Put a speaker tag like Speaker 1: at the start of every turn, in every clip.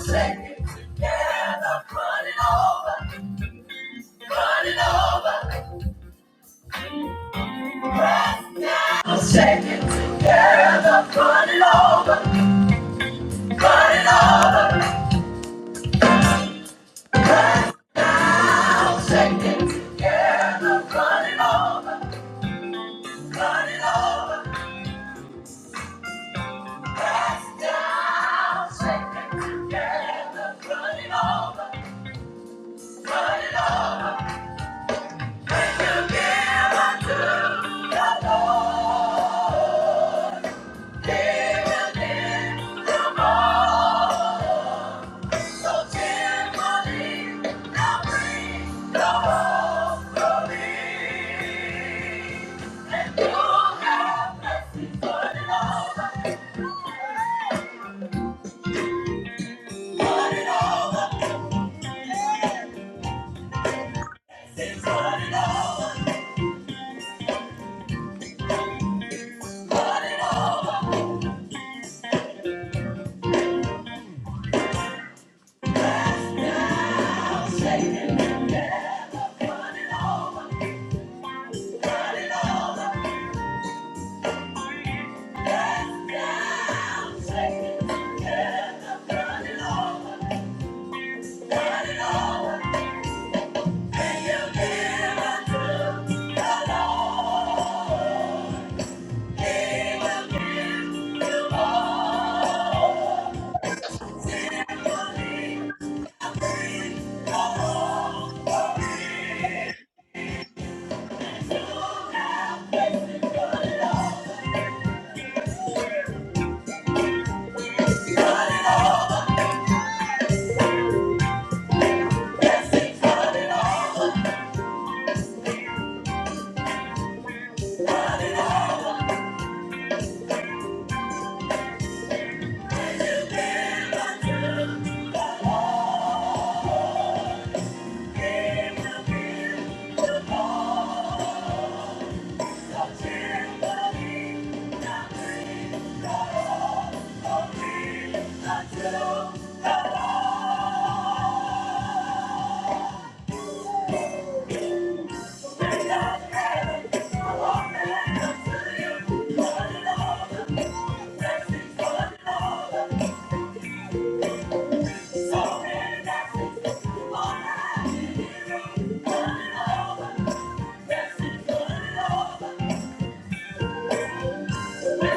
Speaker 1: Say, yeah, I'm running over, running over. i shake it together, running over, running over. i shake it together, running over, running over. Press down, shake it together, running over, running over. And together to the Lord. Shaking together, burning over. Turn it over and you give unto the Lord. He will give you more. So cheerfully now bring the Lord. for He is unto the Spirit of heaven. I want to let us to you. Turn it over. Blessings, turn it over. So many blessings. Lord, turn it over. Blessings, turn it over. Thank you.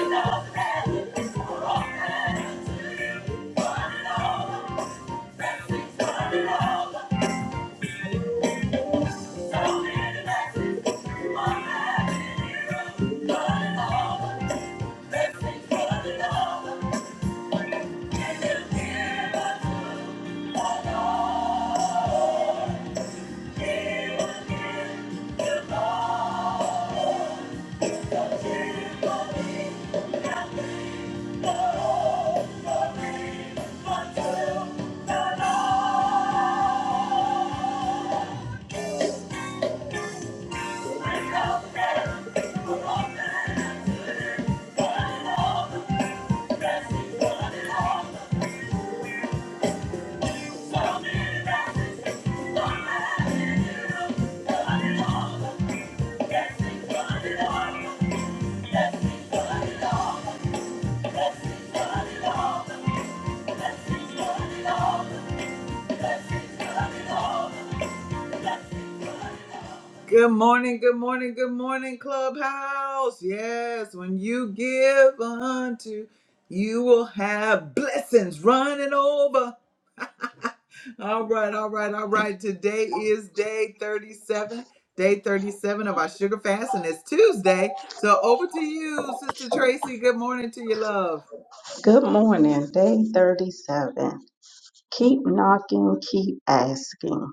Speaker 1: Good morning, good morning, good morning, Clubhouse. Yes, when you give unto, you will have blessings running over. All right, all right, all right. Today is day 37, day 37 of our sugar fast, and it's Tuesday. So over to you, Sister Tracy. Good morning to you, love.
Speaker 2: Good morning, day 37. Keep knocking, keep asking.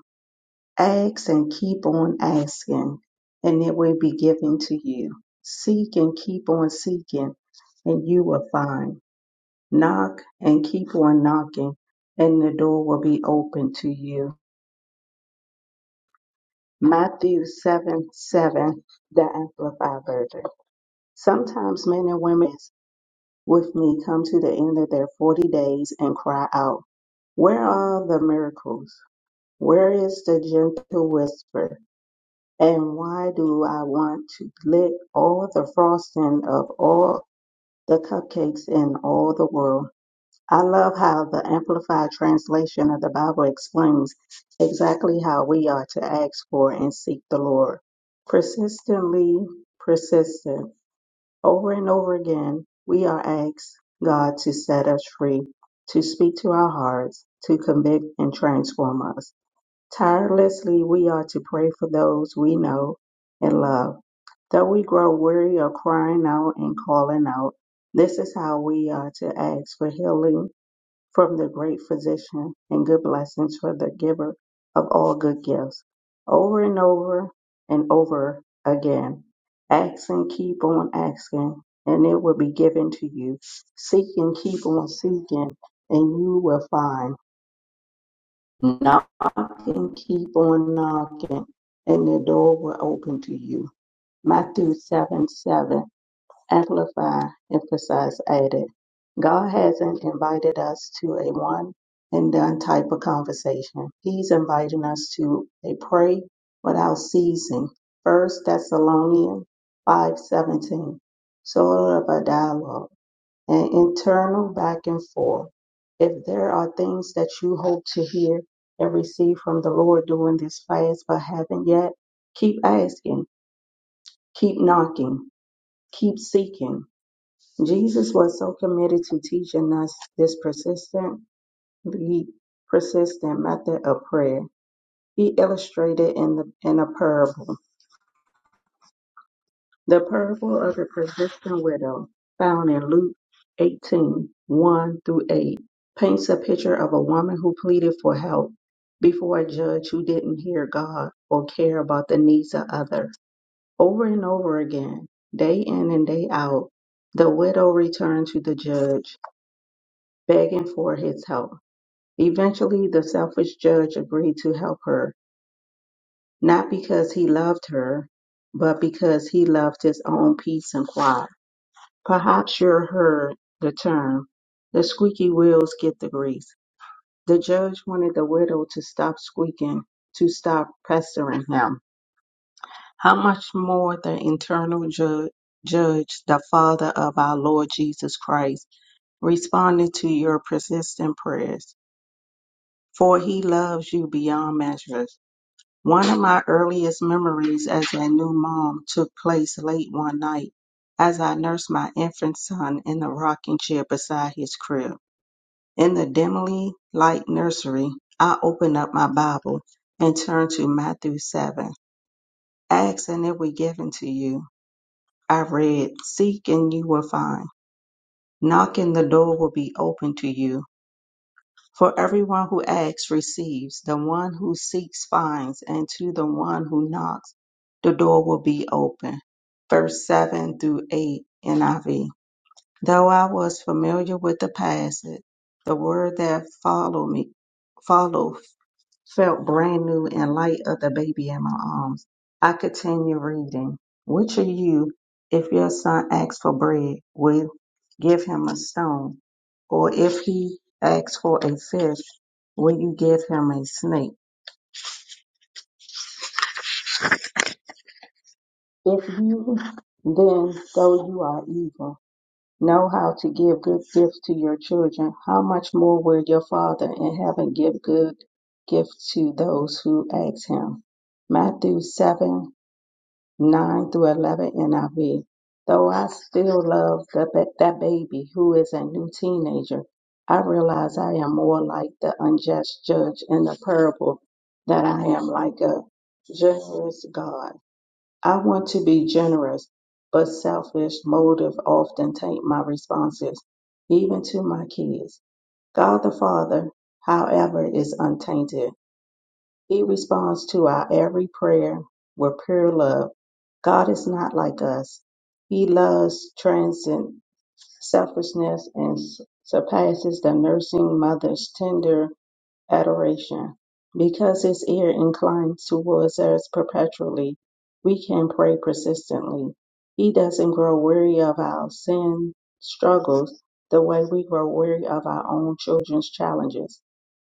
Speaker 2: Ask and keep on asking, and it will be given to you. Seek and keep on seeking, and you will find. Knock and keep on knocking, and the door will be open to you. Matthew 7 7, the Amplified Version. Sometimes men and women with me come to the end of their forty days and cry out, Where are the miracles? Where is the gentle whisper? And why do I want to lick all the frosting of all the cupcakes in all the world? I love how the Amplified translation of the Bible explains exactly how we are to ask for and seek the Lord. Persistently persistent over and over again, we are asked God to set us free, to speak to our hearts, to convict and transform us. Tirelessly, we are to pray for those we know and love. Though we grow weary of crying out and calling out, this is how we are to ask for healing from the great physician and good blessings for the giver of all good gifts over and over and over again. Ask and keep on asking, and it will be given to you. Seek and keep on seeking, and you will find. Knock and keep on knocking, and the door will open to you. Matthew 7 7. Amplify emphasized added, God hasn't invited us to a one and done type of conversation. He's inviting us to a pray without ceasing. First Thessalonians five seventeen, sort of a dialogue, an internal back and forth. If there are things that you hope to hear and receive from the Lord during this fast but haven't yet, keep asking, keep knocking, keep seeking Jesus was so committed to teaching us this persistently persistent method of prayer. He illustrated in the in a parable, the parable of the persistent widow, found in Luke eighteen one through 8, paints a picture of a woman who pleaded for help before a judge who didn't hear God or care about the needs of others. Over and over again, day in and day out, the widow returned to the judge begging for his help. Eventually, the selfish judge agreed to help her, not because he loved her, but because he loved his own peace and quiet. Perhaps you heard the term, the squeaky wheels get the grease. The judge wanted the widow to stop squeaking, to stop pestering him. How much more the internal ju- judge, the Father of our Lord Jesus Christ, responded to your persistent prayers. for he loves you beyond measure. One of my earliest memories as a new mom took place late one night as I nursed my infant son in the rocking chair beside his crib. In the dimly light nursery, I opened up my Bible and turned to Matthew 7. Ask and it will be given to you. I read, Seek and you will find. Knock and the door will be opened to you. For everyone who asks receives, the one who seeks finds, and to the one who knocks, the door will be open. Verse 7 through 8 NIV. Though I was familiar with the passage, the word that followed me followed felt brand new and light of the baby in my arms. I continued reading. Which of you, if your son asks for bread, will give him a stone? Or if he asks for a fish, will you give him a snake? If you then, though you are evil, know how to give good gifts to your children, how much more will your Father in heaven give good gifts to those who ask him? Matthew seven. 9 through 11 NIV. Though I still love the, ba- that baby who is a new teenager, I realize I am more like the unjust judge in the parable that I am like a generous God. I want to be generous, but selfish motive often taint my responses, even to my kids. God the Father, however, is untainted. He responds to our every prayer with pure love. God is not like us. He loves transcend selfishness and s- surpasses the nursing mother's tender adoration. Because his ear inclines towards us perpetually, we can pray persistently. He doesn't grow weary of our sin struggles the way we grow weary of our own children's challenges.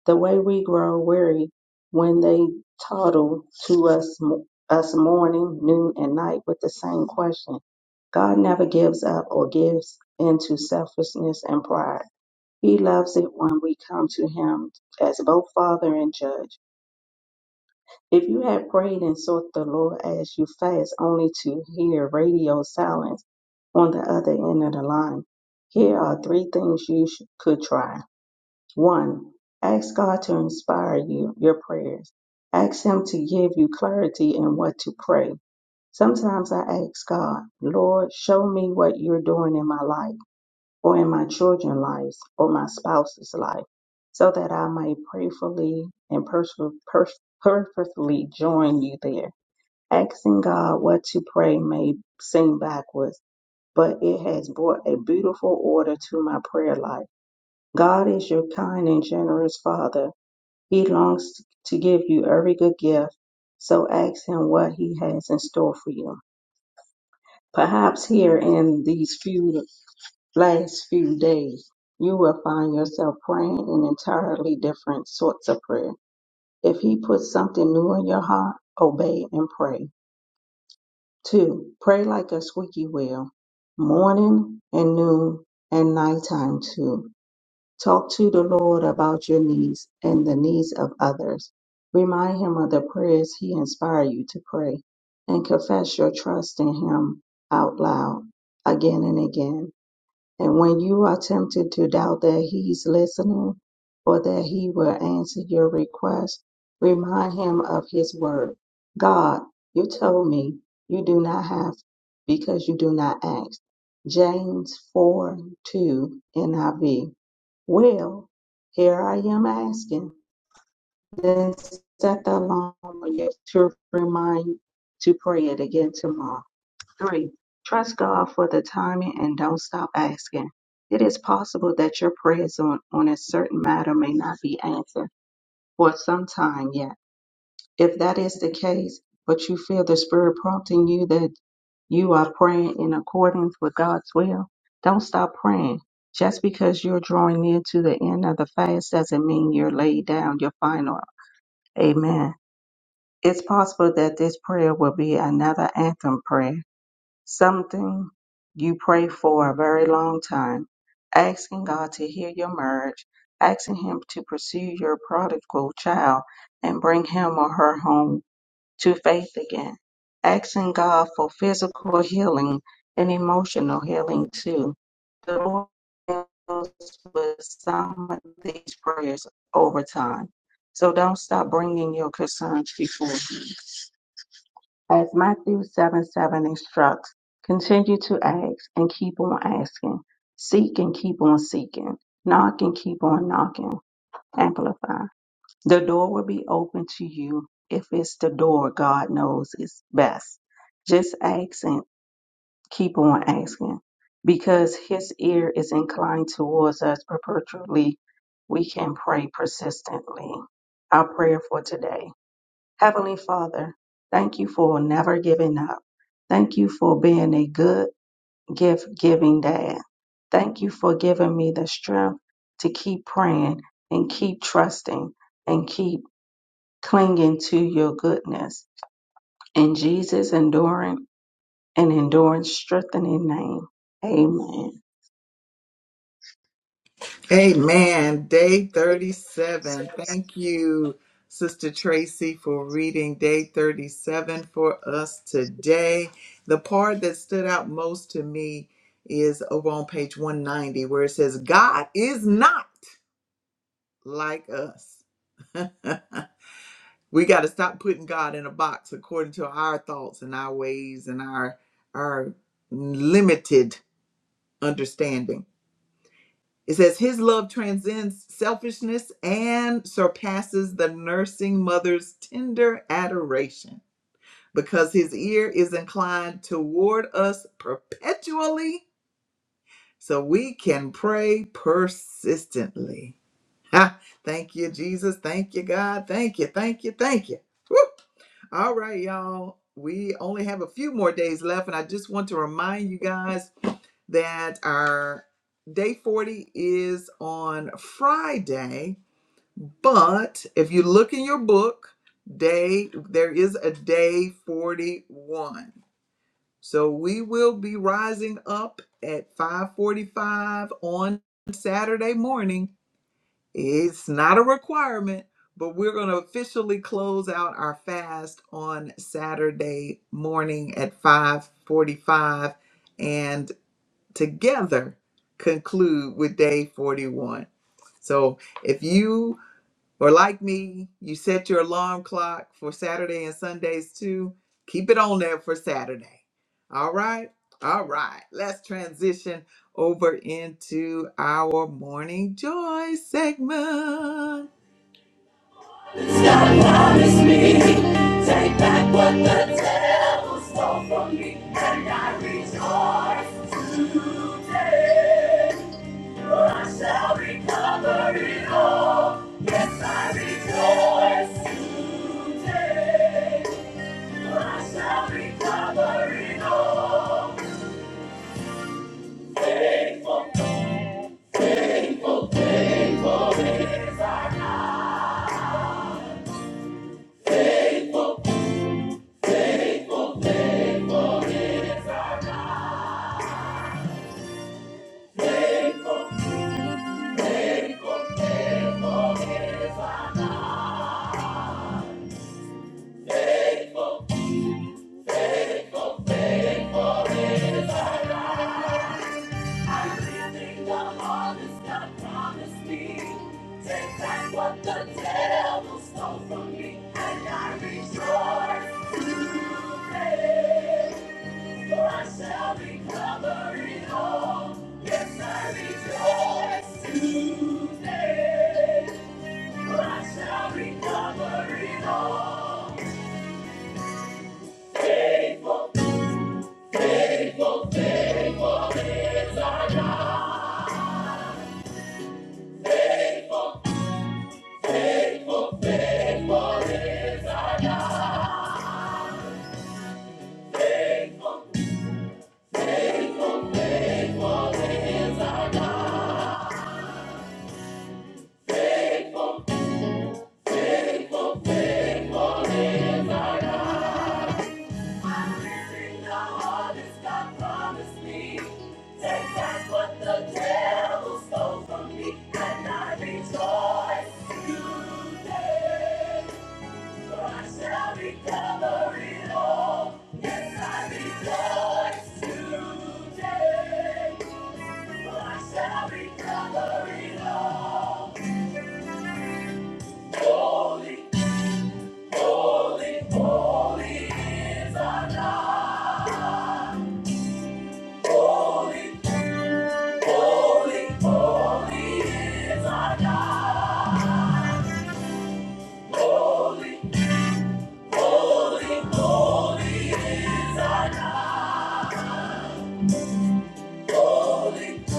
Speaker 2: The way we grow weary when they toddle to us, us morning, noon, and night with the same question. God never gives up or gives into selfishness and pride. He loves it when we come to Him as both Father and Judge. If you had prayed and sought the Lord as you fast, only to hear radio silence on the other end of the line, here are three things you sh- could try. 1. Ask God to inspire you, your prayers. Ask Him to give you clarity in what to pray. Sometimes I ask God, Lord, show me what you're doing in my life, or in my children's lives, or my spouse's life, so that I may prayerfully and perso- per- purposefully join you there. Asking God what to pray may seem backwards, but it has brought a beautiful order to my prayer life. God is your kind and generous Father he longs to give you every good gift, so ask Him what He has in store for you. Perhaps here in these few last few days, you will find yourself praying in entirely different sorts of prayer. If He puts something new in your heart, obey and pray. Two, pray like a squeaky wheel, morning and noon and nighttime too. Talk to the Lord about your needs and the needs of others. Remind Him of the prayers He inspired you to pray and confess your trust in Him out loud again and again. And when you are tempted to doubt that He's listening or that He will answer your request, remind Him of His word. God, you told me you do not have because you do not ask. James 4 2 NIV. Well, here I am asking. Then set the alarm to remind to pray it again tomorrow. Three, trust God for the timing and don't stop asking. It is possible that your prayers on, on a certain matter may not be answered for some time yet. If that is the case, but you feel the Spirit prompting you that you are praying in accordance with God's will, don't stop praying. Just because you're drawing near to the end of the fast doesn't mean you're laid down your final. Amen. It's possible that this prayer will be another anthem prayer something you pray for a very long time, asking God to heal your marriage, asking Him to pursue your prodigal child and bring him or her home to faith again, asking God for physical healing and emotional healing too. The Lord deals with some of these prayers over time. So don't stop bringing your concerns before Him. As Matthew 7 7 instructs, continue to ask and keep on asking. Seek and keep on seeking. Knock and keep on knocking. Amplify. The door will be open to you if it's the door God knows is best. Just ask and keep on asking. Because his ear is inclined towards us perpetually, we can pray persistently. Our prayer for today. Heavenly Father, thank you for never giving up. Thank you for being a good gift giving dad. Thank you for giving me the strength to keep praying and keep trusting and keep clinging to your goodness. In Jesus' enduring and endurance strengthening name, amen.
Speaker 1: Amen. Day 37. Thank you, Sister Tracy, for reading day 37 for us today. The part that stood out most to me is over on page 190, where it says, God is not like us. We got to stop putting God in a box according to our thoughts and our ways and our our limited understanding. It says his love transcends selfishness and surpasses the nursing mother's tender adoration because his ear is inclined toward us perpetually so we can pray persistently. Ha! Thank you Jesus, thank you God, thank you, thank you, thank you. Woo! All right, y'all. We only have a few more days left, and I just want to remind you guys that our day 40 is on Friday. But if you look in your book, day there is a day 41. So we will be rising up at 5:45 on Saturday morning it's not a requirement, but we're going to officially close out our fast on Saturday morning at 5:45 and together conclude with day 41. So, if you or like me, you set your alarm clock for Saturday and Sundays too. Keep it on there for Saturday. All right? All right. Let's transition over into our morning joy segment. It's God promised me. Take back what the devil stole from me, and I rejoice today. I shall recover it all. Yes, I rejoice today. I shall recover it all. Faithful, faithful, faithful is our God. I'm living the harvest God promised me. Take back what the devil stole from me, and I rejoice today. I shall be covered all. Yes, I rejoice today. I shall be covered all. Faithful, faithful, faithful. Everything the harvest God promised me. Take back what the devil stole from me, and I rejoice today. Holy, holy, holy is our God.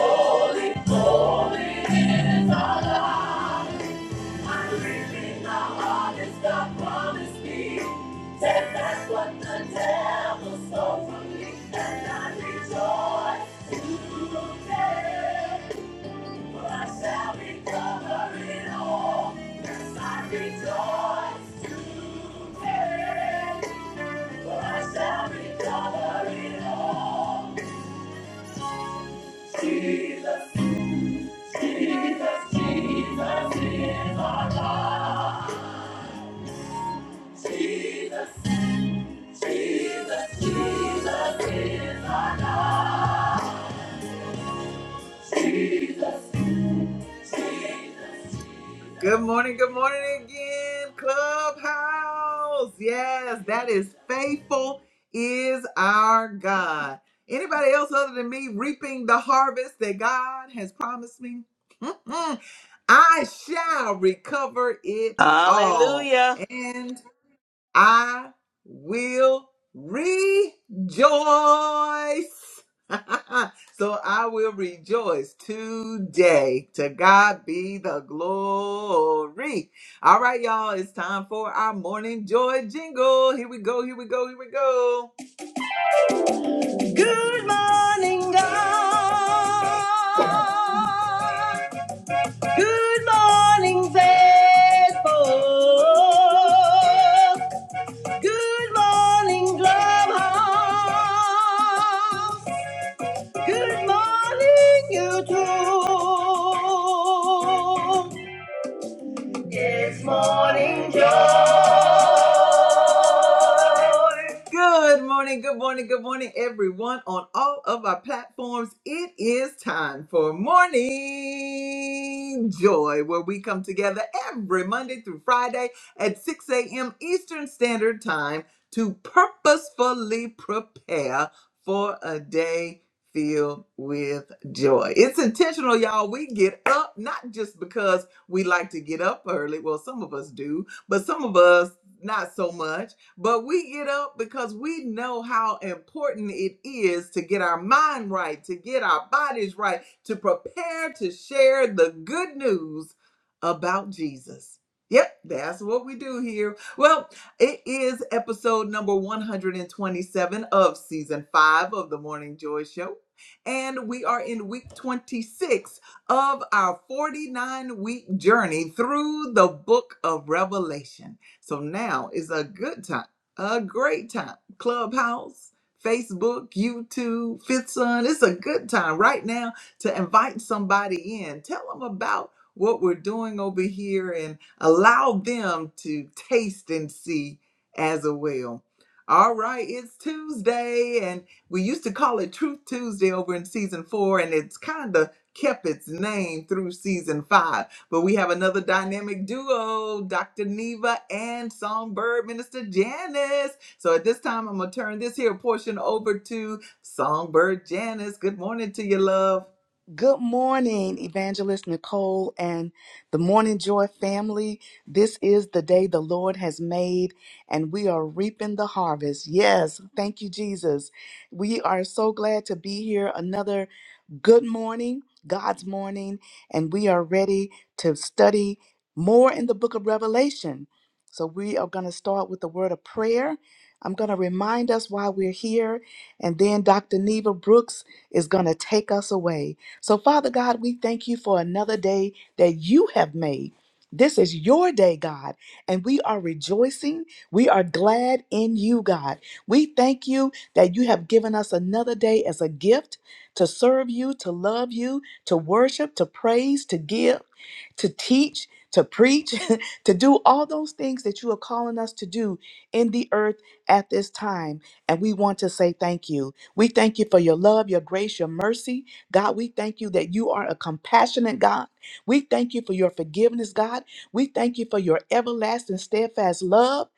Speaker 1: Holy, holy is our God. I'm reaping the harvest God promised me. Take back what the devil stole from me, and I rejoice today. For I shall recover it all. Yes, I rejoice today. For I shall recover it all. Jesus. Jesus, Jesus is our God. Jesus, Jesus, Jesus is our God. Jesus, Jesus. Good morning, good morning again, Clubhouse. Yes, that is faithful is our God. Anybody else other than me reaping the harvest that God has promised me? Mm, I shall recover it all.
Speaker 3: Hallelujah.
Speaker 1: and. I will rejoice. so I will rejoice today. To God be the glory. All right, y'all, it's time for our morning joy jingle. Here we go, here we go, here we go. Good morning, God. Good morning, faithful. Good morning, Clubhouse. Good morning, YouTube. It's morning joy. Good morning, good morning, good morning, everyone on all of our platforms. It is time for morning joy, where we come together every Monday through Friday at 6 a.m. Eastern Standard Time to purposefully prepare for a day filled with joy. It's intentional, y'all. We get up not just because we like to get up early. Well, some of us do, but some of us not so much. But we get up because we know how important it is to get our mind right, to get our bodies right, to prepare to share the good news about Jesus. Yep, that's what we do here. Well, it is episode number 127 of season five of the Morning Joy Show. And we are in week 26 of our 49 week journey through the book of Revelation. So now is a good time, a great time. Clubhouse, Facebook, YouTube, Fifth Sun, it's a good time right now to invite somebody in. Tell them about what we're doing over here and allow them to taste and see as well. All right, it's Tuesday, and we used to call it Truth Tuesday over in season four, and it's kind of kept its name through season five. But we have another dynamic duo, Dr. Neva and Songbird Minister Janice. So at this time, I'm going to turn this here portion over to Songbird Janice. Good morning to you, love.
Speaker 4: Good morning, Evangelist Nicole and the Morning Joy family. This is the day the Lord has made, and we are reaping the harvest. Yes, thank you, Jesus. We are so glad to be here. Another good morning, God's morning, and we are ready to study more in the book of Revelation. So, we are going to start with the word of prayer. I'm going to remind us why we're here, and then Dr. Neva Brooks is going to take us away. So, Father God, we thank you for another day that you have made. This is your day, God, and we are rejoicing. We are glad in you, God. We thank you that you have given us another day as a gift to serve you, to love you, to worship, to praise, to give, to teach, to preach, to do all those things that you are calling us to do in the earth at this time. And we want to say thank you. We thank you for your love, your grace, your mercy. God, we thank you that you are a compassionate God. We thank you for your forgiveness, God. We thank you for your everlasting, steadfast love.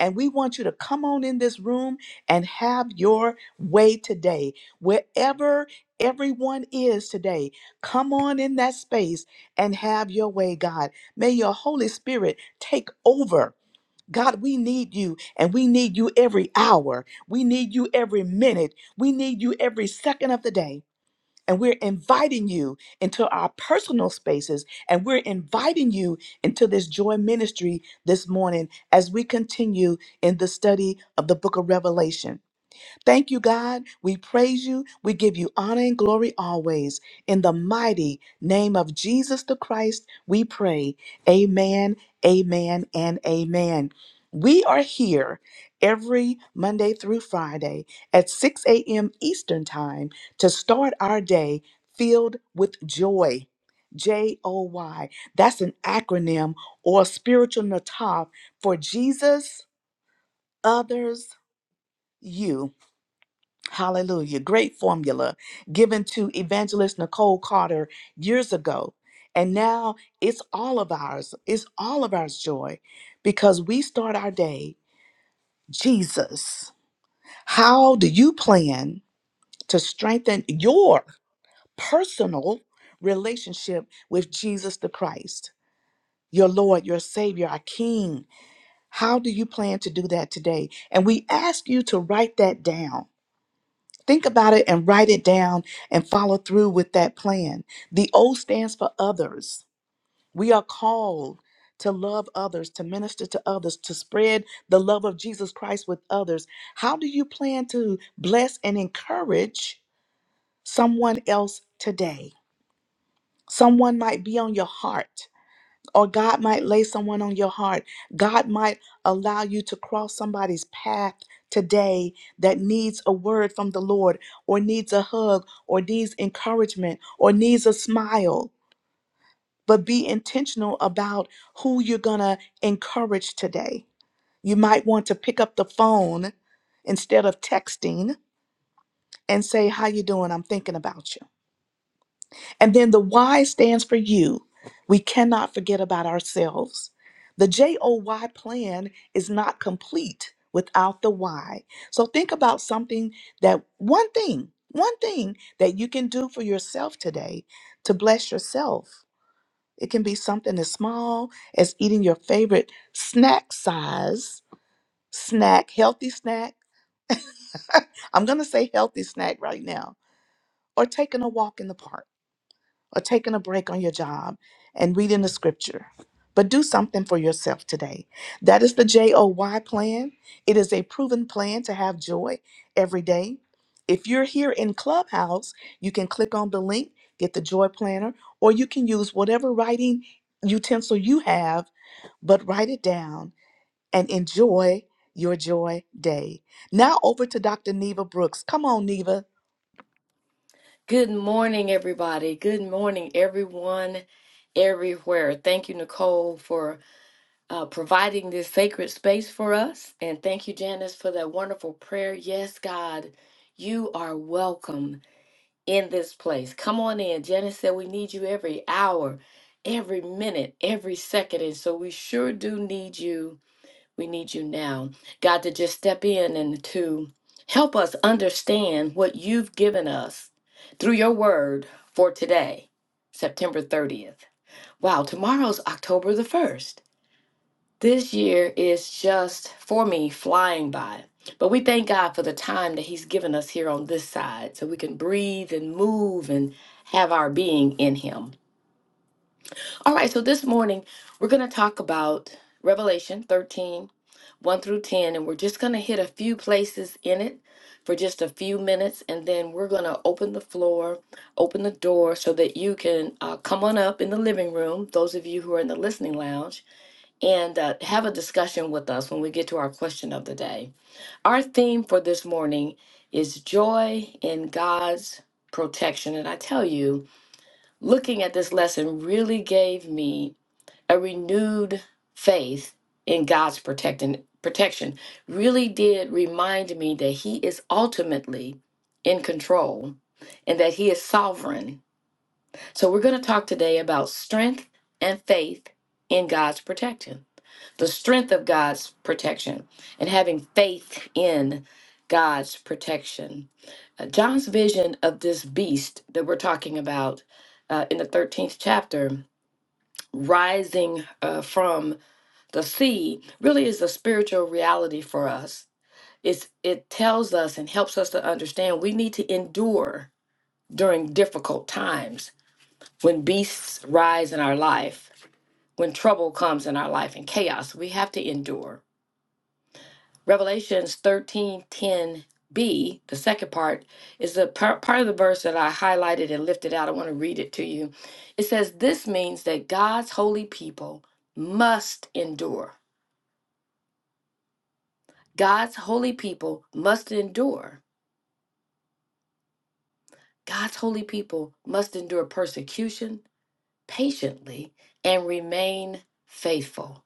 Speaker 4: And we want you to come on in this room and have your way today. Wherever everyone is today. Come on in that space and have your way, God. May your Holy Spirit take over. God, we need you and we need you every hour. We need you every minute. We need you every second of the day. And we're inviting you into our personal spaces and we're inviting you into this joy ministry this morning as we continue in the study of the book of Revelation. Thank you, God. We praise you. We give you honor and glory always. In the mighty name of Jesus the Christ, we pray. Amen, amen, and amen. We are here every Monday through Friday at 6 a.m. Eastern Time to start our day filled with joy. J O Y. That's an acronym or spiritual nataf for Jesus, others, you. Hallelujah. Great formula given to evangelist Nicole Carter years ago. And now it's all of ours. It's all of ours joy because we start our day, Jesus. How do you plan to strengthen your personal relationship with Jesus the Christ, your Lord, your Savior, our King? How do you plan to do that today? And we ask you to write that down Think about it and write it down and follow through with that plan. The O stands for others. We are called to love others, to minister to others, to spread the love of Jesus Christ with others. How do you plan to bless and encourage someone else today? Someone might be on your heart or God might lay someone on your heart. God might allow you to cross somebody's path today that needs a word from the Lord, or needs a hug, or needs encouragement, or needs a smile. But be intentional about who you're going to encourage today. You might want to pick up the phone instead of texting and say, "How you doing? I'm thinking about you." And then the Y stands for you. We cannot forget about ourselves. The J O Y plan is not complete without the why. So think about something that one thing, one thing that you can do for yourself today to bless yourself. It can be something as small as eating your favorite snack size snack, healthy snack. I'm going to say healthy snack right now, or taking a walk in the park. or taking a break on your job and reading the scripture. But do something for yourself today. That is the J O Y plan. It is a proven plan to have joy every day. If you're here in Clubhouse, you can click on the link, get the joy planner, or you can use whatever writing utensil you have, but write it down and enjoy your joy day. Now over to Dr. Neva Brooks. Come on, Neva.
Speaker 5: Good morning, everybody. Good morning, everyone, everywhere. Thank you, Nicole, for uh, providing this sacred space for us. And thank you, Janice, for that wonderful prayer. Yes, God, you are welcome in this place. Come on in. Janice said we need you every hour, every minute, every second. And so we sure do need you we need you now, God, to just step in and to help us understand what you've given us through your word for today, September 30th. Wow, tomorrow's October the 1st. This year is just for me flying by. But we thank God for the time that He's given us here on this side so we can breathe and move and have our being in Him. All right, so this morning we're going to talk about Revelation 13 1 through 10, and we're just going to hit a few places in it for just a few minutes, and then we're going to open the floor, open the door so that you can uh, come on up in the living room, those of you who are in the listening lounge, and uh, have a discussion with us when we get to our question of the day. Our theme for this morning is joy in God's protection, and I tell you, looking at this lesson really gave me a renewed faith in God's protecting protection really did remind me that he is ultimately in control and that he is sovereign. So we're going to talk today about strength and faith in God's protection. The strength of God's protection and having faith in God's protection. Uh, John's vision of this beast that we're talking about uh, in the 13th chapter rising uh, from the seed really is a spiritual reality for us. It's, it tells us and helps us to understand we need to endure during difficult times when beasts rise in our life, when trouble comes in our life and chaos, we have to endure. Revelations 1310 b the second part, is the par- part of the verse that I highlighted and lifted out. I want to read it to you. It says, This means that God's holy people must endure God's holy people must endure. God's holy people must endure persecution patiently and remain faithful.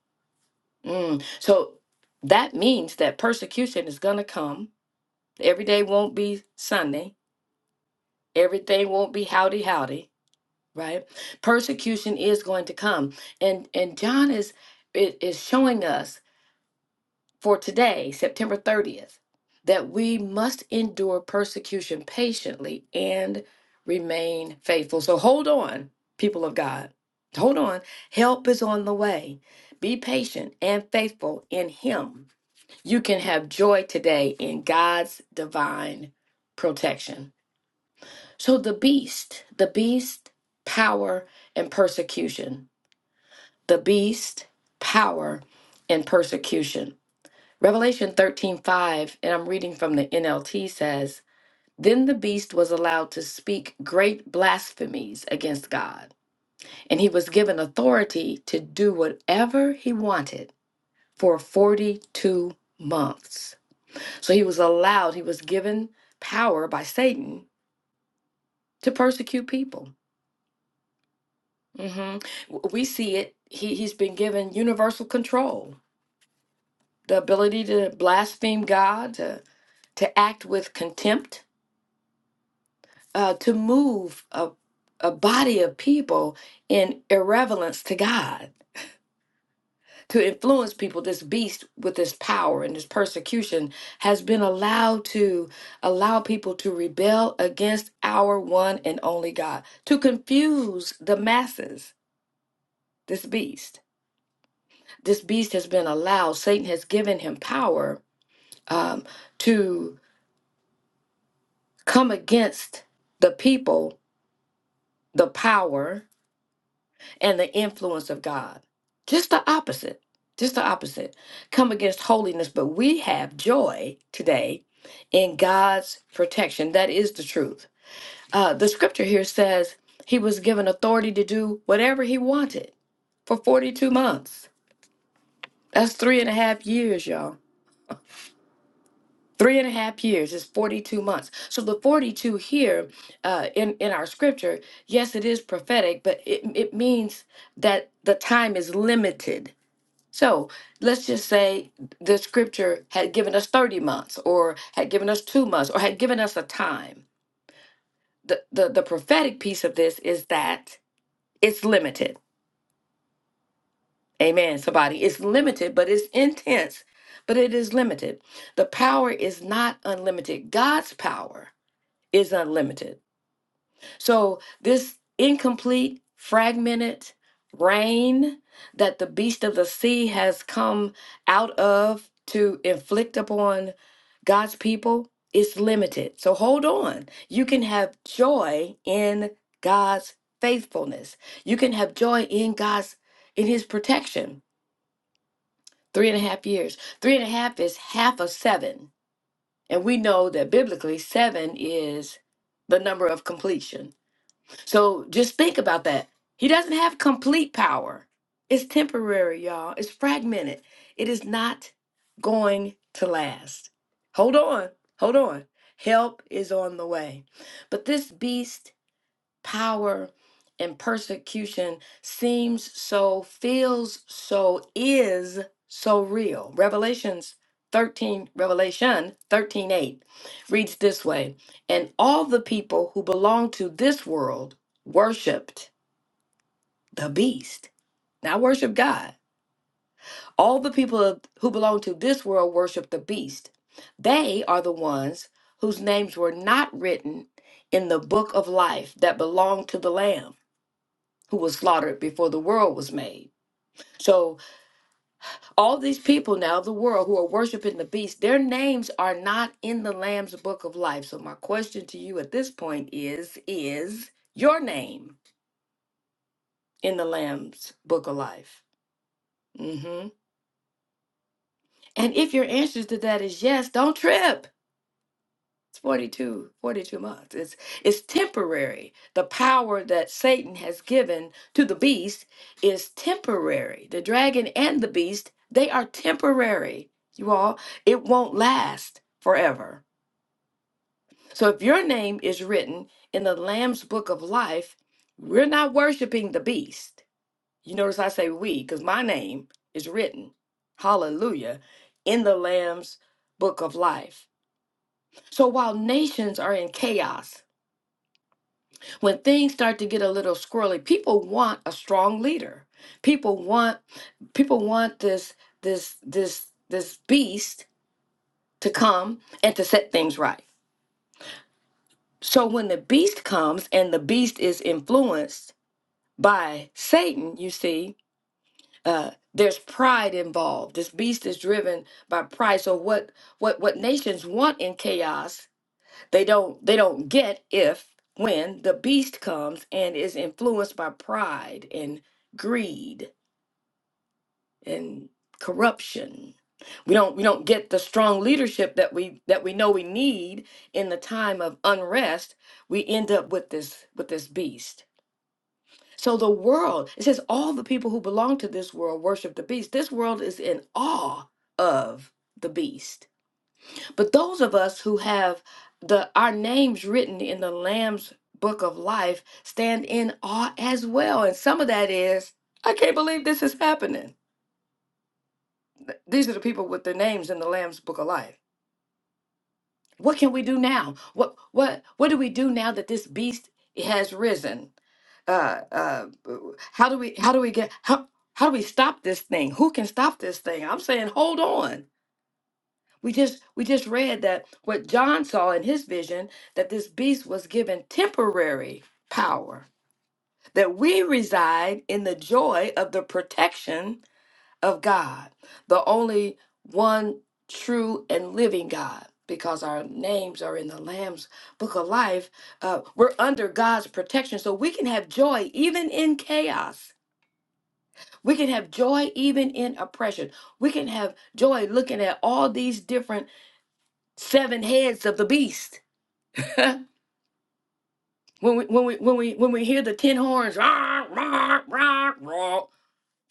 Speaker 5: Mm, So that means that persecution is going to come. Every day won't be Sunday. Everything won't be howdy howdy, right? Persecution is going to come. And and John is it is showing us for today, September 30th, that we must endure persecution patiently and remain faithful. So hold on, people of God. Hold on. Help is on the way. Be patient and faithful in Him. You can have joy today in God's divine protection. So the beast, the beast, power, and persecution. The beast, power, and persecution. Revelation 13 5, and I'm reading from the NLT says, Then the beast was allowed to speak great blasphemies against God, and he was given authority to do whatever he wanted for 42 months. So he was allowed, he was given power by Satan to persecute people. Mhm. W- We see it. He, he's been given universal control, the ability to blaspheme God, to, to act with contempt uh, to move a, a body of people in irreverence to God, to influence people. This beast with this power and this persecution has been allowed to allow people to rebel against our one and only God, to confuse the masses. This beast. This beast has been allowed, Satan has given him power um, to come against the people, the power, and the influence of God. Just the opposite. Just the opposite. Come against holiness, but we have joy today in God's protection. That is the truth. Uh, the scripture here says he was given authority to do whatever he wanted for 42 months. That's three and a half years, y'all. Three and a half years is 42 months. So the 42 here uh, in, in our scripture, yes, it is prophetic, but it, it means that the time is limited So let's just say the scripture had given us 30 months or had given us two months or had given us a time. The, the, the prophetic piece of this is that it's limited. Amen, somebody. It's limited, but it's intense, but it is limited. The power is not unlimited. God's power is unlimited. So, this incomplete, fragmented reign that the beast of the sea has come out of to inflict upon God's people is limited. So, hold on. You can have joy in God's faithfulness, you can have joy in God's in his protection. Three and a half years. Three and a half is half of seven. And we know that biblically, seven is the number of completion so just think about that. He doesn't have complete power. It's temporary, y'all. It's fragmented. It is not going to last. Hold on. Hold on. Help is on the way. But this beast power and persecution seems so, feels so, is so real. Revelations 13, Revelation 13 8, reads this way And all the people who belong to this world worshiped the beast, not worship God. All the people of- who belong to this world worship the beast. They are the ones whose names were not written in the book of life that belonged to the Lamb. who was slaughtered before the world was made. So, all these people now of the world who are worshiping the beast, their names are not in the Lamb's book of life. So, my question to you at this point is Is your name in the Lamb's book of life? hmm And if your answer to that is yes, don't trip It's 42, 42 months. It's it's temporary. The power that Satan has given to the beast is temporary. The dragon and the beast, they are temporary. You all, it won't last forever. So if your name is written in the Lamb's book of life, we're not worshiping the beast. You notice I say we because my name is written, hallelujah, in the Lamb's book of life. So while nations are in chaos, when things start to get a little squirrely people want a strong leader people want people want this this this this beast to come and to set things right so when the beast comes and the beast is influenced by satan you see uh there's pride involved this beast is driven by pride so what what what nations want in chaos they don't they don't get if when the beast comes and is influenced by pride and greed and corruption we don't we don't get the strong leadership that we that we know we need in the time of unrest we end up with this with this beast so the world it says all the people who belong to this world worship the beast this world is in awe of the beast but those of us who have the our names written in the Lamb's book of life stand in awe as well. And some of that is, I can't believe this is happening. Th- These are the people with their names in the Lamb's book of life. What can we do now? What what what do we do now that this beast has risen? uh, uh, how do we how do we get how how do we stop this thing? Who can stop this thing? I'm saying hold on. We just we just read that what John saw in his vision that this beast was given temporary power that we reside in the joy of the protection of God, the only one true and living God. Because our names are in the Lamb's Book of Life, uh, we're under God's protection, so we can have joy even in chaos. We can have joy even in oppression. We can have joy looking at all these different seven heads of the beast. when we when we when we when we hear the ten horns, "Rah, rah, rah, rah,"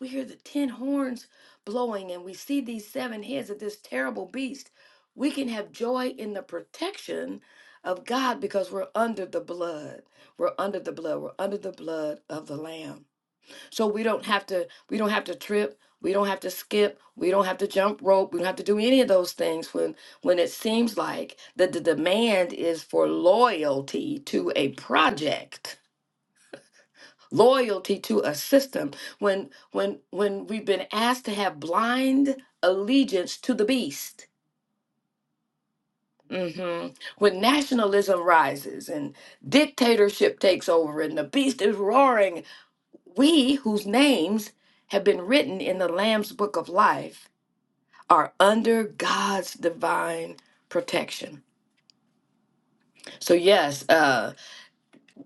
Speaker 5: we hear the ten horns blowing, and we see these seven heads of this terrible beast. We can have joy in the protection of God because we're under the blood. We're under the blood. We're under the blood of the Lamb so we don't have to we don't have to trip we don't have to skip we don't have to jump rope we don't have to do any of those things when when it seems like that the demand is for loyalty to a project loyalty to a system when when when we've been asked to have blind allegiance to the beast hmm when nationalism rises and dictatorship takes over and the beast is roaring We, whose names have been written in the Lamb's book of life, are under God's divine protection. So, yes, uh,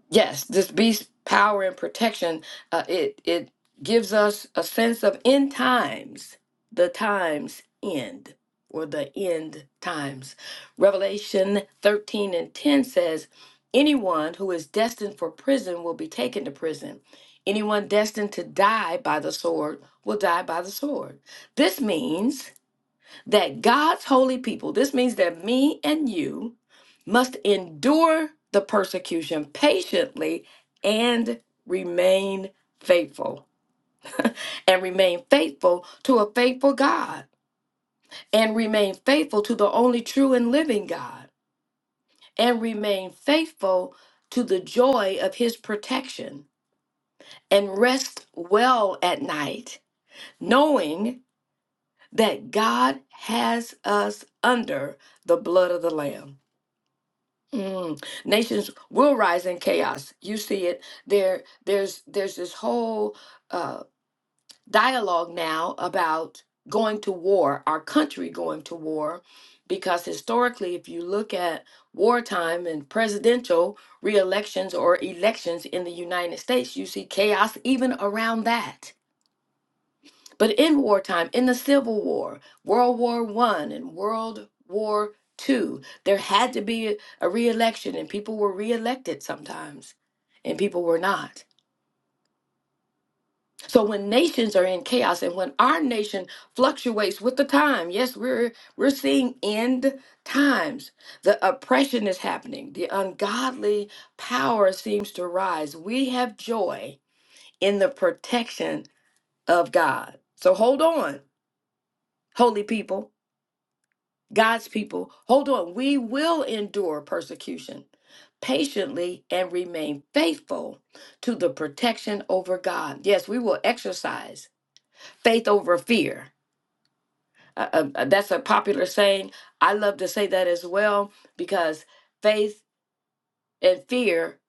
Speaker 5: Yes, this beast power and protection, uh, it it gives us a sense of end times, the times end, or the end times. Revelation 13 and 10 says, Anyone who is destined for prison will be taken to prison. Anyone destined to die by the sword will die by the sword. This means that God's holy people, this means that me and you must endure the persecution patiently and remain faithful. And remain faithful to a faithful God. And remain faithful to the only true and living God. And remain faithful to the joy of his protection. And rest well at night, knowing that God has us under the blood of the Lamb. Mm. Nations will rise in chaos. You see it there. There's there's this whole uh, dialogue now about going to war. Our country going to war, because historically, if you look at wartime and presidential re-elections or elections in the United States, you see chaos even around that. But in wartime, in the Civil War, World War One and World War Two, there had to be a a re-election, and people were re-elected sometimes, and people were not. So when nations are in chaos, and when our nation fluctuates with the time, yes, we're we're seeing end times. The oppression is happening. The ungodly power seems to rise. We have joy in the protection of God. So hold on, holy people God's people, hold on. We will endure persecution patiently and remain faithful to the protection over God. Yes, we will exercise faith over fear. Uh, uh, uh, that's a popular saying. I love to say that as well because faith and fear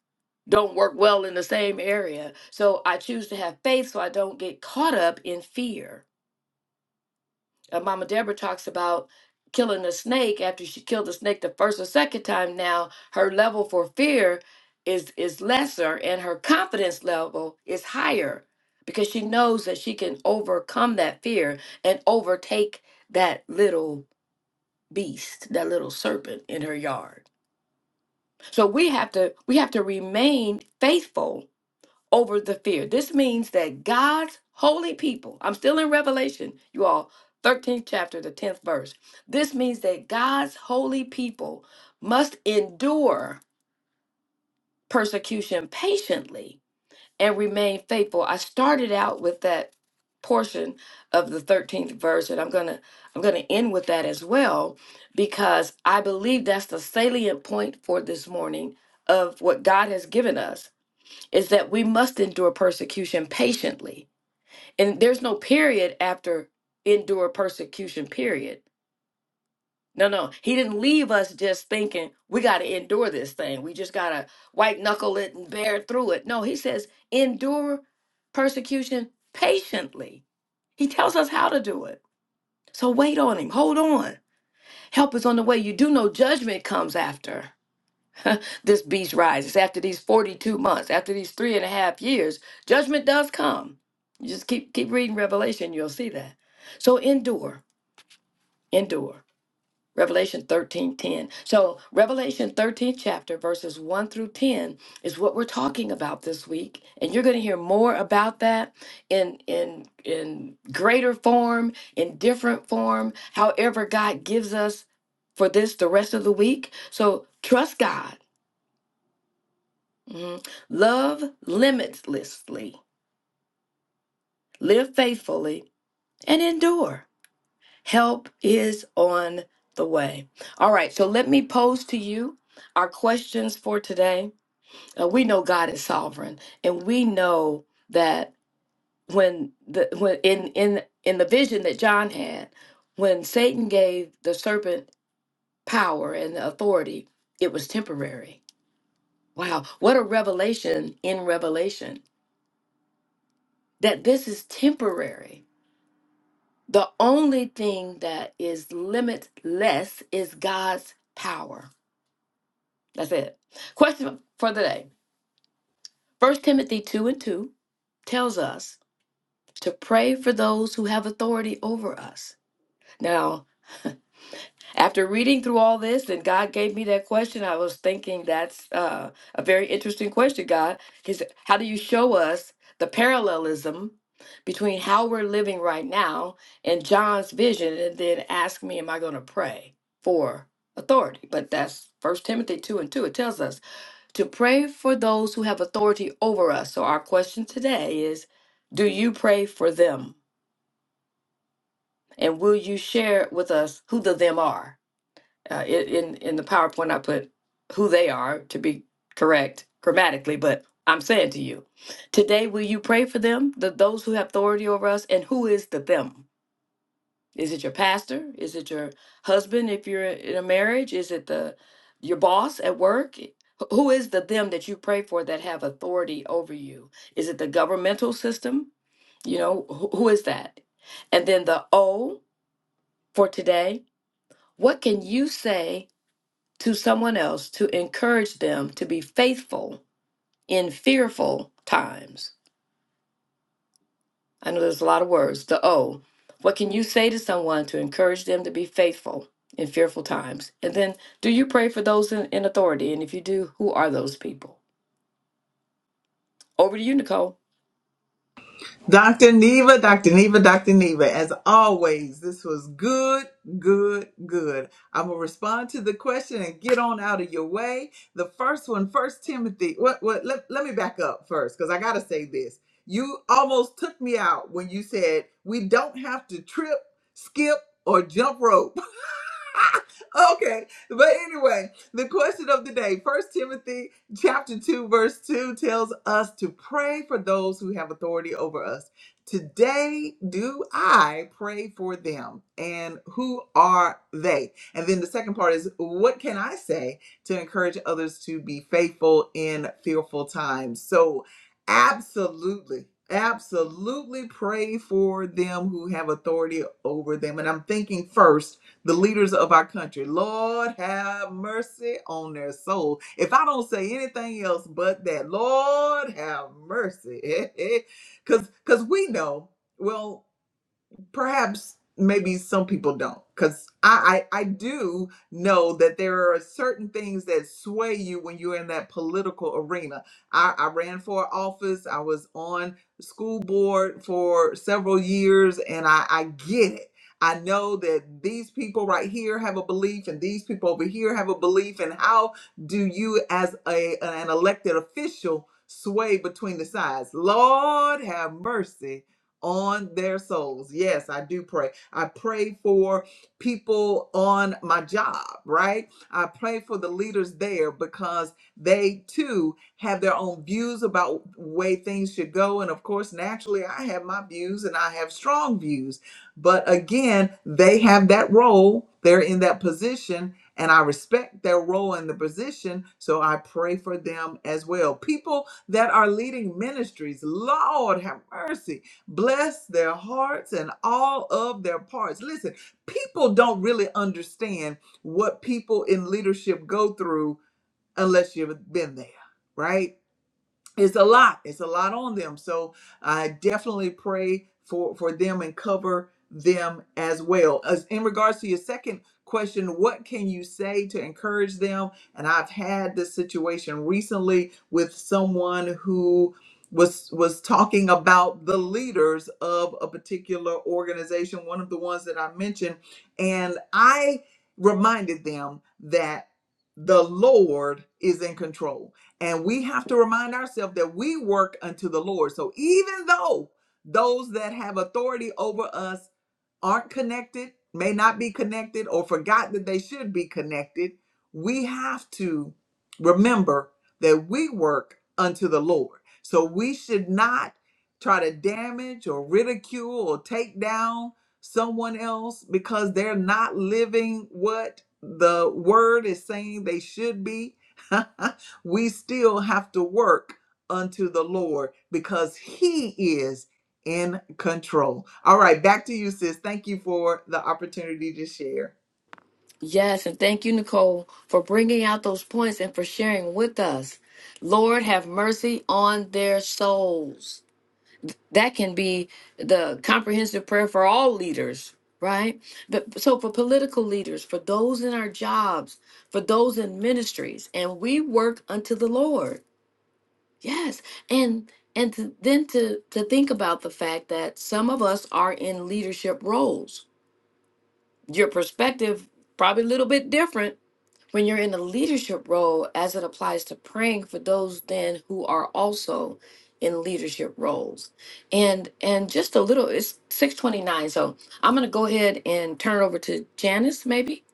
Speaker 5: don't work well in the same area. So I choose to have faith so I don't get caught up in fear. uh, Mama Deborah talks about killing a snake after she killed the snake the first or second time. Now her level for fear is is lesser, and her confidence level is higher because she knows that she can overcome that fear and overtake that little beast, that little serpent in her yard. So we have to we have to remain faithful over the fear. This means that God's holy people, I'm still in Revelation, you all, 13th chapter, the 10th verse. This means that God's holy people must endure persecution patiently and remain faithful. I started out with that portion of the 13th verse and I'm going to I'm going to end with that as well because I believe that's the salient point for this morning of what God has given us is that we must endure persecution patiently. And there's no period after endure persecution, period. No, no. He didn't leave us just thinking we got to endure this thing. We just got to white knuckle it and bear through it. No, he says endure persecution patiently. He tells us how to do it. So wait on him. Hold on. Help is on the way. You do know judgment comes after. this beast rises. After these 42 months, after these three and a half years, judgment does come. You just keep keep reading Revelation, you'll see that. So endure, endure. Revelation 13 10. So Revelation 13 chapter verses 1 through 10 is what we're talking about this week. And you're going to hear more about that in in in greater form, in different form, however God gives us for this the rest of the week. So trust God Mhm. Love limitlessly, live faithfully, and endure. Help is on the way. All right, so let me pose to you our questions for today. Uh, we know God is sovereign, and we know that when the when in in in the vision that John had, when Satan gave the serpent power and authority, it was temporary. Wow, what a revelation in revelation that this is temporary The only thing that is limitless is God's power. That's it. Question for the day. First Timothy 2 and 2 tells us to pray for those who have authority over us. Now, After reading through all this and God gave me that question, I was thinking that's uh, a very interesting question, God. Because how do you show us the parallelism between how we're living right now and John's vision and then ask me, am I going to pray for authority? But that's First Timothy 2 and 2. It tells us to pray for those who have authority over us. So our question today is, do you pray for them? And will you share with us who the them are? Uh, i- in in the PowerPoint, I put who they are to be correct grammatically, but I'm saying to you, today, will you pray for them, the those who have authority over us, and who is the them? Is it your pastor? Is it your husband if you're in a marriage? Is it the your boss at work? Wh- Who is the them that you pray for that have authority over you? Is it the governmental system? You know, wh- who is that? And then the O for today, what can you say to someone else to encourage them to be faithful in fearful times. I know there's a lot of words. The O. What can you say to someone to encourage them to be faithful in fearful times? And then, do you pray for those in, in authority? And if you do, who are those people? Over to you, Nicole.
Speaker 1: Dr. Neva, Dr. Neva, Dr. Neva, as always, this was good, good, good. I'm going to respond to the question and get on out of your way. The first one, First Timothy, what, what, let, let me back up first because I got to say this. You almost took me out when you said we don't have to trip, skip, or jump rope. okay. But anyway, the question of the day, First Timothy chapter 2 verse 2 tells us to pray for those who have authority over us. Today do I pray for them and who are they? And then the second part is what can I say to encourage others to be faithful in fearful times? So absolutely Absolutely pray for them who have authority over them. And I'm thinking first the leaders of our country. Lord, have mercy on their soul. If I don't say anything else but that, Lord, have mercy. Because we know, well, perhaps maybe some people don't because I, I i do know that there are certain things that sway you when you're in that political arena i i ran for office i was on the school board for several years and i i get it I know that these people right here have a belief and these people over here have a belief and how do you as a an elected official sway between the sides? Lord have mercy on their souls. Yes, I do pray. I pray for people on my job, right? I pray for the leaders there because they too have their own views about way things should go and of course naturally I have my views and I have strong views. But again, they have that role, they're in that position and I respect their role in the position, so I pray for them as well. People that are leading ministries, Lord have mercy Bless their hearts and all of their parts. Listen, people don't really understand what people in leadership go through unless you've been there, right? it's a lot it's a lot on them so i definitely pray for for them and cover them as well as in regards to your second question what can you say to encourage them and i've had this situation recently with someone who was was talking about the leaders of a particular organization one of the ones that i mentioned and i reminded them that the lord is in control and we have to remind ourselves that we work unto the Lord. So even though those that have authority over us aren't connected, may not be connected, or forgot that they should be connected, we have to remember that we work unto the Lord. So we should not try to damage or ridicule or take down someone else because they're not living what the word is saying they should be. we still have to work unto the Lord because He is in control. All right, back to you, sis. Thank you for the opportunity to share.
Speaker 5: Yes, and thank you, Nicole, for bringing out those points and for sharing with us. Lord, have mercy on their souls. That can be the comprehensive prayer for all leaders, right? But so for political leaders, for those in our jobs, for those in ministries, and we work unto the Lord. Yes. And and to, then to to think about the fact that some of us are in leadership roles your perspective probably a little bit different when you're in a leadership role as it applies to praying for those then who are also in leadership roles and and just a little it's 629 so i'm going to go ahead and turn it over to janice maybe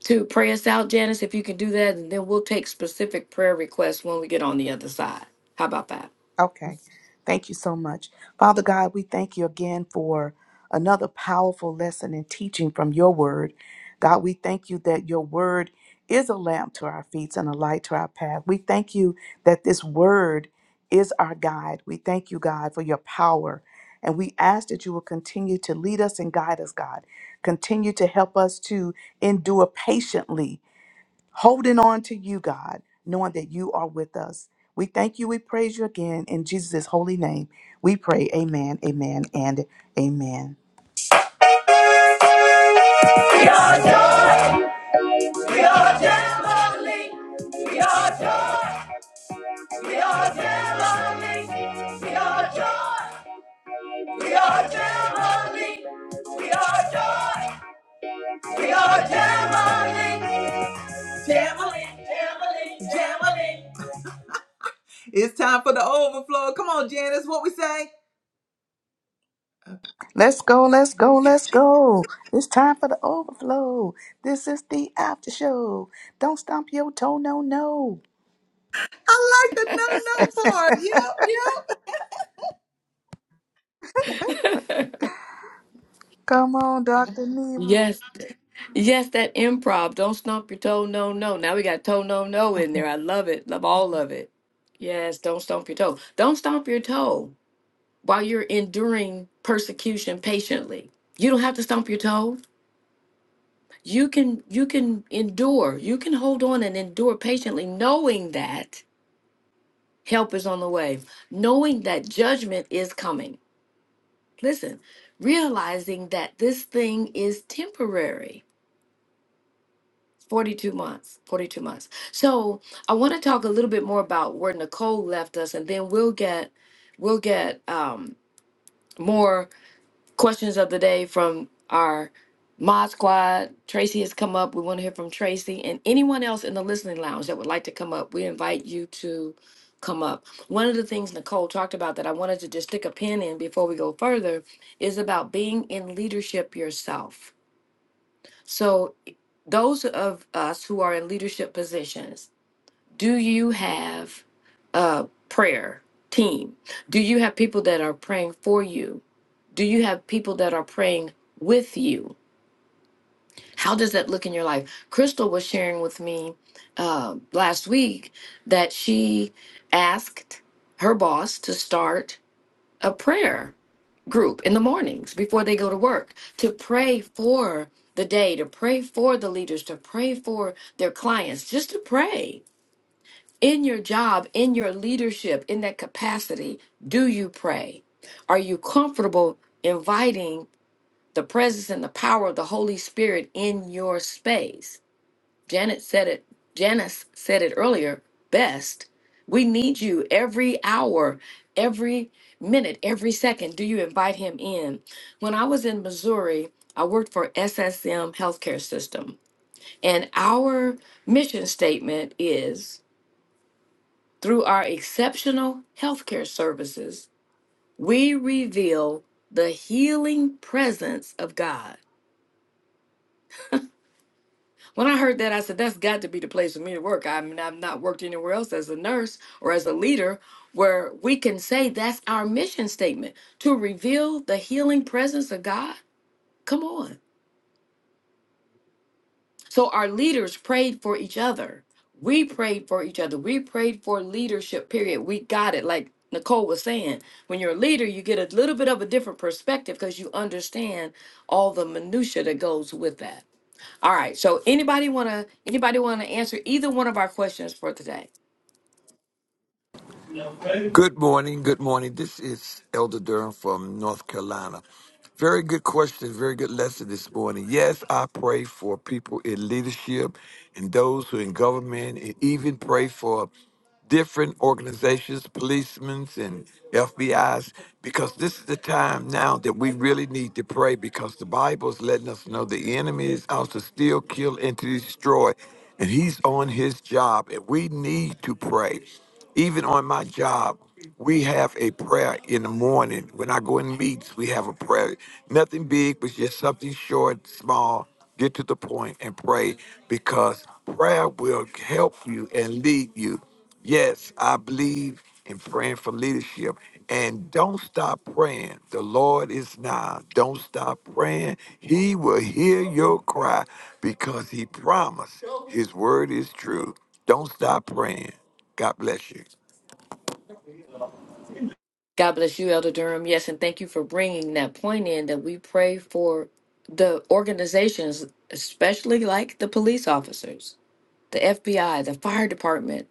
Speaker 5: to pray us out janice if you can do that and then we'll take specific prayer requests when we get on the other side how about that
Speaker 4: Okay. Thank you so much. Father God, we thank you again for another powerful lesson and teaching from your word. God, we thank you that your word is a lamp to our feet and a light to our path. We thank you that this word is our guide. We thank you, God, for your power. And we ask that you will continue to lead us and guide us, God. Continue to help us to endure patiently holding on to you, God, knowing that you are with us. We thank you. We praise you again in Jesus' holy name. We pray, Amen, Amen, and Amen.
Speaker 1: We are joy. We are family. We are joy. We are family. We are joy. We are family. We are joy. We are family. Family. Family. Family. It's time for the overflow. Come on, Janice, what we say?
Speaker 4: Let's go, let's go, let's go. It's time for the overflow. This is the after show. Don't stomp your toe, no, no.
Speaker 1: I like the no no part. Yeah.
Speaker 4: Come on, Dr. Neva.
Speaker 5: yes Yes, that improv. Don't stump your toe. No, no. Now we got toe, no, no in there. I love it. Love all of it. Yes, don't stomp your toe. Don't stomp your toe while you're enduring persecution patiently. You don't have to stomp your toe. You can you can endure. You can hold on and endure patiently, knowing that help is on the way, knowing that judgment is coming. Listen, realizing that this thing is temporary 42 months 42 months so i want to talk a little bit more about where nicole left us and then we'll get we'll get um, more questions of the day from our mod squad tracy has come up we want to hear from tracy and anyone else in the listening lounge that would like to come up we invite you to come up one of the things nicole talked about that i wanted to just stick a pin in before we go further is about being in leadership yourself so, those of us who are in leadership positions, do you have a prayer team? Do you have people that are praying for you? Do you have people that are praying with you? How does that look in your life? Crystal was sharing with me uh, last week that she asked her boss to start a prayer group in the mornings before they go to work to pray for the day, to pray for the leaders, to pray for their clients, just to pray in your job, in your leadership, in that capacity. Do you pray? Are you comfortable inviting the presence and the power of the Holy Spirit in your space? Janet said it, Janice said it earlier best. We need you every hour, every minute, every second. Do you invite him in? When I was in Missouri, I worked for SSM Healthcare System, and our mission statement is through our exceptional healthcare services, we reveal the healing presence of God. When I heard that, I said, that's got to be the place for me to work. I mean, I've not worked anywhere else as a nurse or as a leader where we can say that's our mission statement to reveal the healing presence of God. Come on. So our leaders prayed for each other. We prayed for each other. We prayed for leadership, period. We got it. Like Nicole was saying, when you're a leader, you get a little bit of a different perspective because you understand all the minutia that goes with that. All right. So anybody wanna anybody wanna answer either one of our questions for today?
Speaker 6: Good morning. Good morning. This is Elder Durham from North Carolina. Very good question. Very good lesson this morning. Yes, I pray for people in leadership and those who are in government, and even pray for different organizations, policemen and FBI's, because this is the time now that we really need to pray because the Bible is letting us know the enemy is out to steal, kill, and to destroy. And he's on his job, and we need to pray. Even on my job, we have a prayer in the morning. When I go in meets, we have a prayer. Nothing big, but just something short, small. Get to the point and pray because prayer will help you and lead you. Yes, I believe in praying for leadership. And don't stop praying. The Lord is nigh. Don't stop praying. He will hear your cry because He promised His word is true. Don't stop praying. God bless you.
Speaker 5: God bless you, Elder Durham. Yes, and thank you for bringing that point in that we pray for the organizations, especially like the police officers, the FBI, the fire department,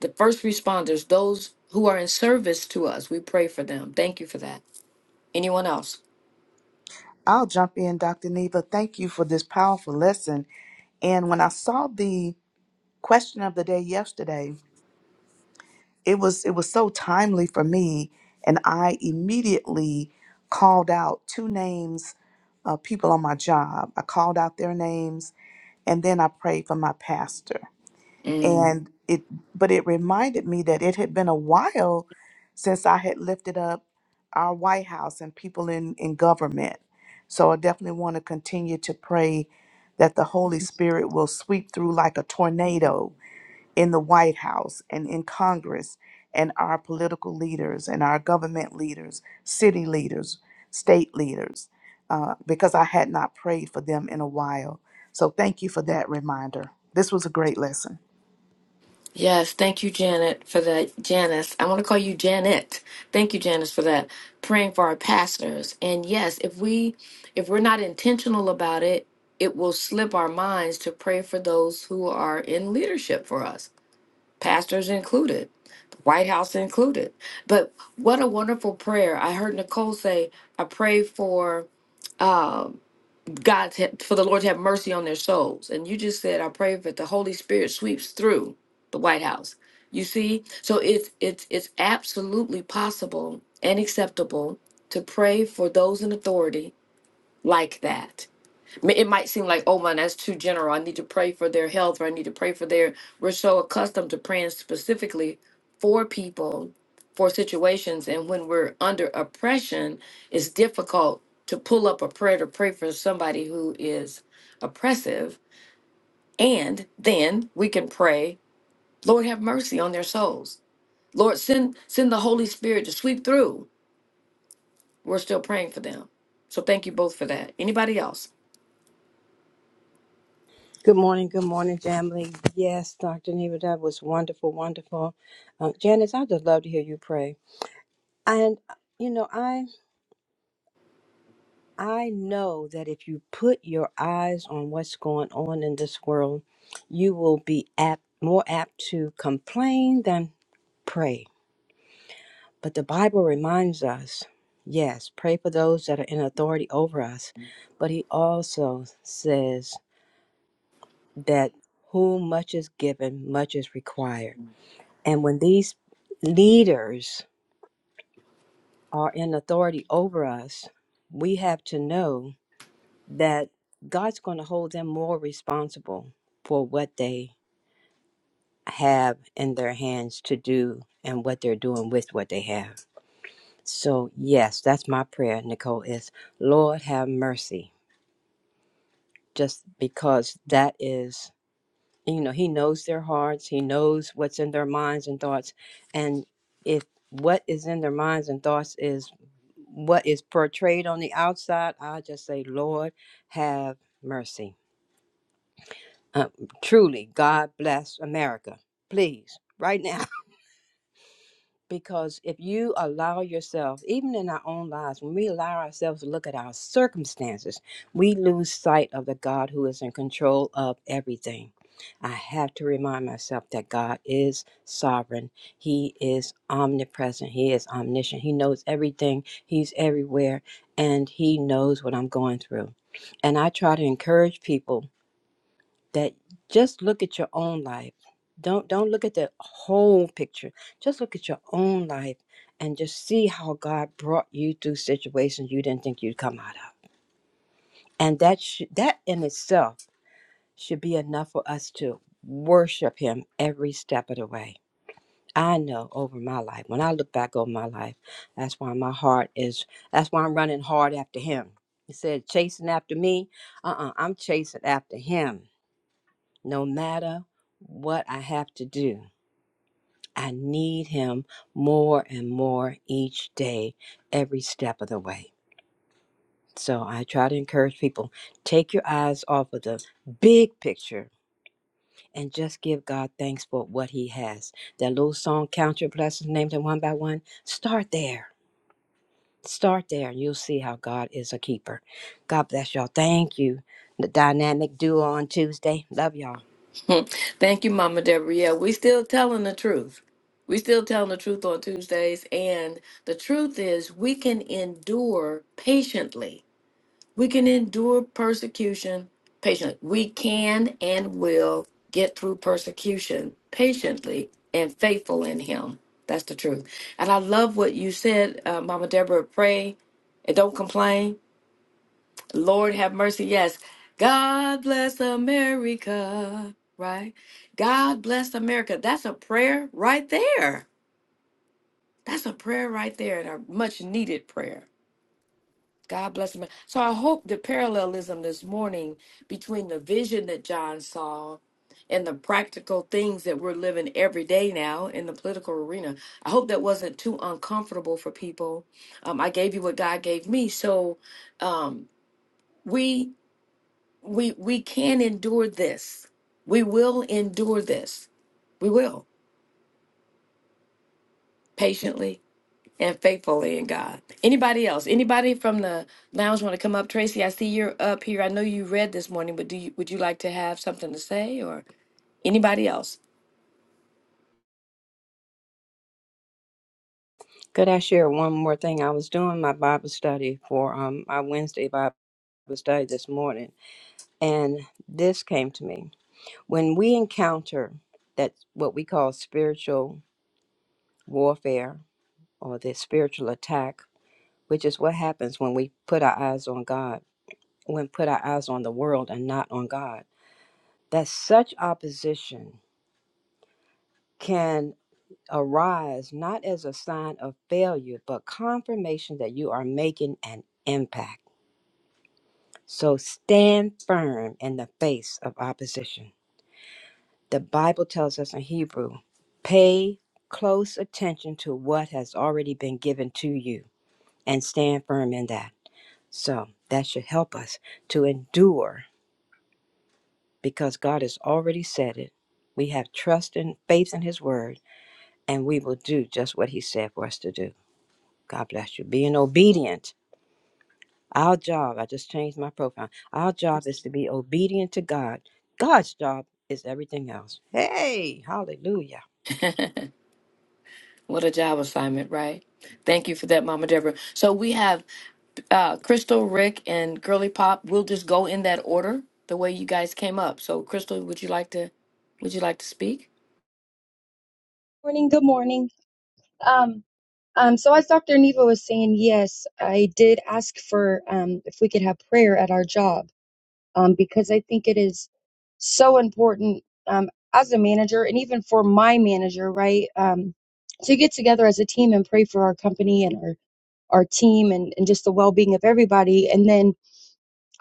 Speaker 5: the first responders, those who are in service to us. We pray for them. Thank you for that. Anyone else?
Speaker 4: I'll jump in, Dr. Neva. Thank you for this powerful lesson. And when I saw the question of the day yesterday, it was it was so timely for me and i immediately called out two names of people on my job i called out their names and then i prayed for my pastor
Speaker 5: Mm.
Speaker 4: and it but it reminded me that it had been a while since i had lifted up our white house and people in in government so i definitely want to continue to pray that the holy spirit will sweep through like a tornado in the White House and in Congress and our political leaders and our government leaders, city leaders, state leaders, uh, because I had not prayed for them in a while. So thank you for that reminder. This was a great lesson.
Speaker 5: Yes, thank you, Janet, for that. Janice, I want to call you Janet. Thank you, Janice, for that. Praying for our pastors, and yes, if we, if we're not intentional about it, it will slip our minds to pray for those who are in leadership for us, pastors included, the White House included. But what a wonderful prayer! I heard Nicole say, "I pray for." um, God to- for the Lord to have mercy on their souls. And you just said, I pray that the Holy Spirit sweeps through the White House. You see, so it's it's it's absolutely possible and acceptable to pray for those in authority like that Ma- It might seem like, oh man, that's too general. I need to pray for their health, or I need to pray for their. We're so accustomed to praying specifically for people, for situations, and when we're under oppression, it's difficult to pull up a prayer to pray for somebody who is oppressive. And then we can pray, Lord, have mercy on their souls. Lord, send send the Holy Spirit to sweep through. We're still praying for them. So thank you both for that. Anybody else?
Speaker 7: Good morning, good morning, family. Yes, Dr. Neva, that was wonderful, wonderful. Uh, Janice, I'd just love to hear you pray. And you know, I I know that if you put your eyes on what's going on in this world, you will be apt, more apt to complain than pray. But the Bible reminds us, yes, pray for those that are in authority over us. But He also says that whom much is given, much is required. And when these leaders are in authority over us, we have to know that God's going to hold them more responsible for what they have in their hands to do and what they're doing with what they have. So, yes, that's my prayer, Nicole, is Lord have mercy, just because that is. And, you know he knows their hearts he knows what's in their minds and thoughts and if what is in their minds and thoughts is what is portrayed on the outside i just say lord have mercy uh, truly god bless america please right now because if you allow yourself, even in our own lives, when we allow ourselves to look at our circumstances, we lose sight of the God who is in control of everything. I have to remind myself that God is sovereign. He is omnipresent. He is omniscient. He knows everything. He's everywhere. And He knows what I'm going through. And I try to encourage people that just look at your own life don't don't look at the whole picture just look at your own life and just see how god brought you through situations you didn't think you'd come out of and that sh- that in itself should be enough for us to worship him every step of the way i know over my life when i look back over my life that's why my heart is that's why i'm running hard after him he said chasing after me uh-uh i'm chasing after him no matter what I have to do. I need him more and more each day, every step of the way. So I try to encourage people take your eyes off of the big picture and just give God thanks for what he has. That little song, Count Your Blessings, name them one by one. Start there. Start there, and you'll see how God is a keeper. God bless y'all. Thank you. The dynamic duo on Tuesday. Love y'all.
Speaker 5: Hmm. Thank you, Mama Deborah. Yeah, we still telling the truth. We still telling the truth on Tuesdays. And the truth is we can endure patiently. We can endure persecution patiently. We can and will get through persecution patiently and faithful in him. That's the truth. And I love what you said, uh, Mama Deborah. Pray and don't complain. Lord have mercy. Yes. God bless America, right? God bless America. That's a prayer right there. That's a prayer right there and a much needed prayer. God bless America. So I hope the parallelism this morning between the vision that John saw and the practical things that we're living every day now in the political arena. I hope that wasn't too uncomfortable for people. Um, I gave you what God gave me. So um, we we we can endure this. We will endure this. We will patiently and faithfully in God. Anybody else? Anybody from the lounge want to come up? Tracy, I see you're up here. I know you read this morning, but do you would you like to have something to say or anybody else?
Speaker 7: Could I share one more thing? I was doing my Bible study for um, my Wednesday Bible study this morning, and this came to me. When we encounter that what we call spiritual warfare or the spiritual attack, which is what happens when we put our eyes on God, when put our eyes on the world and not on God, that such opposition can arise not as a sign of failure, but confirmation that you are making an impact So stand firm in the face of opposition. The Bible tells us in Hebrew pay close attention to what has already been given to you and stand firm in that. So that should help us to endure because God has already said it. We have trust and faith in His word, and we will do just what He said for us to do. God bless you. Being obedient Our job, I just changed my profile. Our job is to be obedient to God. God's job is everything else. Hey, hallelujah.
Speaker 5: what a job assignment, right? Thank you for that, Mama Deborah. So we have uh, Crystal, Rick, and Girly Pop. We'll just go in that order, the way you guys came up. So, Crystal, would you like to would you like to speak?
Speaker 8: Morning, good morning. Um, um, so as Dr. Neva was saying, yes, I did ask for um, if we could have prayer at our job um, because I think it is so important um, as a manager and even for my manager, right? Um, to get together as a team and pray for our company and our, our team and, and just the well being of everybody. And then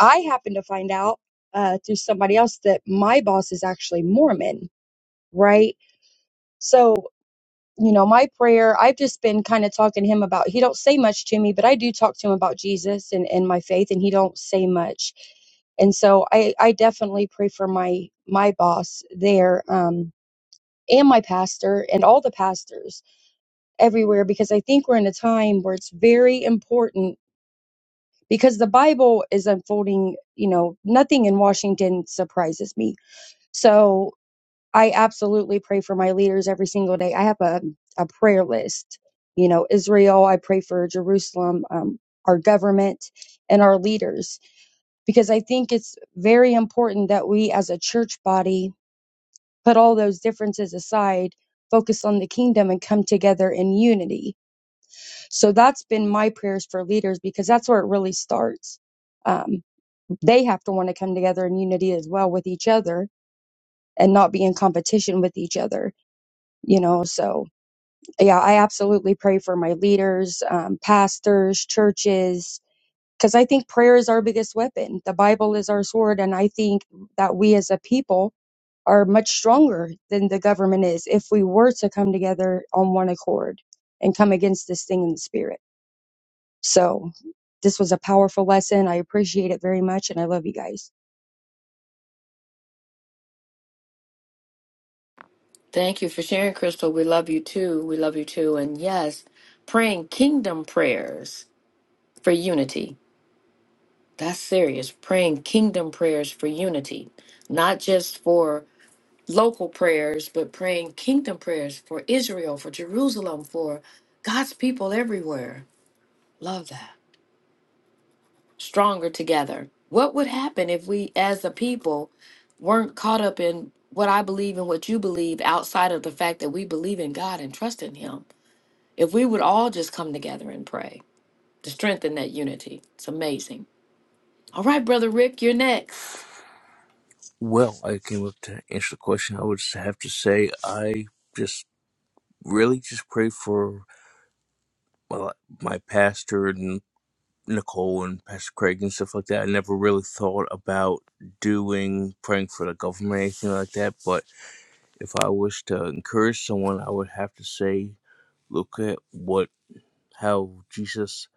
Speaker 8: I happen to find out uh, through somebody else that my boss is actually Mormon, right? So you know my prayer i've just been kind of talking to him about he don't say much to me but i do talk to him about jesus and, and my faith and he don't say much and so i i definitely pray for my my boss there um and my pastor and all the pastors everywhere because i think we're in a time where it's very important because the bible is unfolding you know nothing in washington surprises me so I absolutely pray for my leaders every single day. I have a, a prayer list. You know, Israel, I pray for Jerusalem, um, our government, and our leaders, because I think it's very important that we as a church body put all those differences aside, focus on the kingdom, and come together in unity. So that's been my prayers for leaders because that's where it really starts. Um, they have to want to come together in unity as well with each other and not be in competition with each other, you know, so yeah, I absolutely pray for my leaders, um, pastors, churches, because I think prayer is our biggest weapon. The Bible is our sword. And I think that we as a people are much stronger than the government is if we were to come together on one accord and come against this thing in the spirit. So this was a powerful lesson. I appreciate it very much. And I love you guys.
Speaker 5: Thank you for sharing, Crystal. We love you too. We love you too. And yes, praying kingdom prayers for unity. That's serious. Praying kingdom prayers for unity, not just for local prayers, but praying kingdom prayers for Israel, for Jerusalem, for God's people everywhere. Love that. Stronger together. What would happen if we, as a people, weren't caught up in what I believe and what you believe outside of the fact that we believe in God and trust in Him? If we would all just come together and pray to strengthen that unity, it's amazing. All right, Brother Rick, you're next.
Speaker 9: Well, I came up to answer the question. I would just have to say I just really just pray for my, my pastor and Nicole and Pastor Craig and stuff like that. I never really thought about doing praying for the government or anything like that. But if I was to encourage someone, I would have to say, look at what how Jesus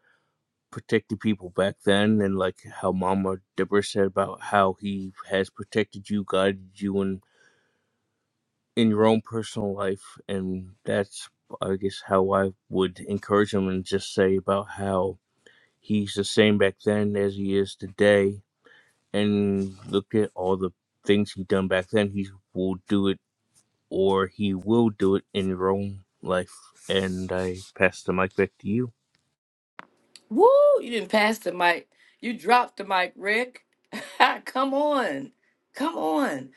Speaker 9: protected people back then and like how Mama Deborah said about how he has protected you, guided you and. in your own personal life and that's i guess how i would encourage him and just say about how he's the same back then as he is today and look at all the things he done back then he will do it or he will do it in your own life and i pass the mic back to you
Speaker 5: Woo! You didn't pass the mic. You dropped the mic, Rick. come on. Come on.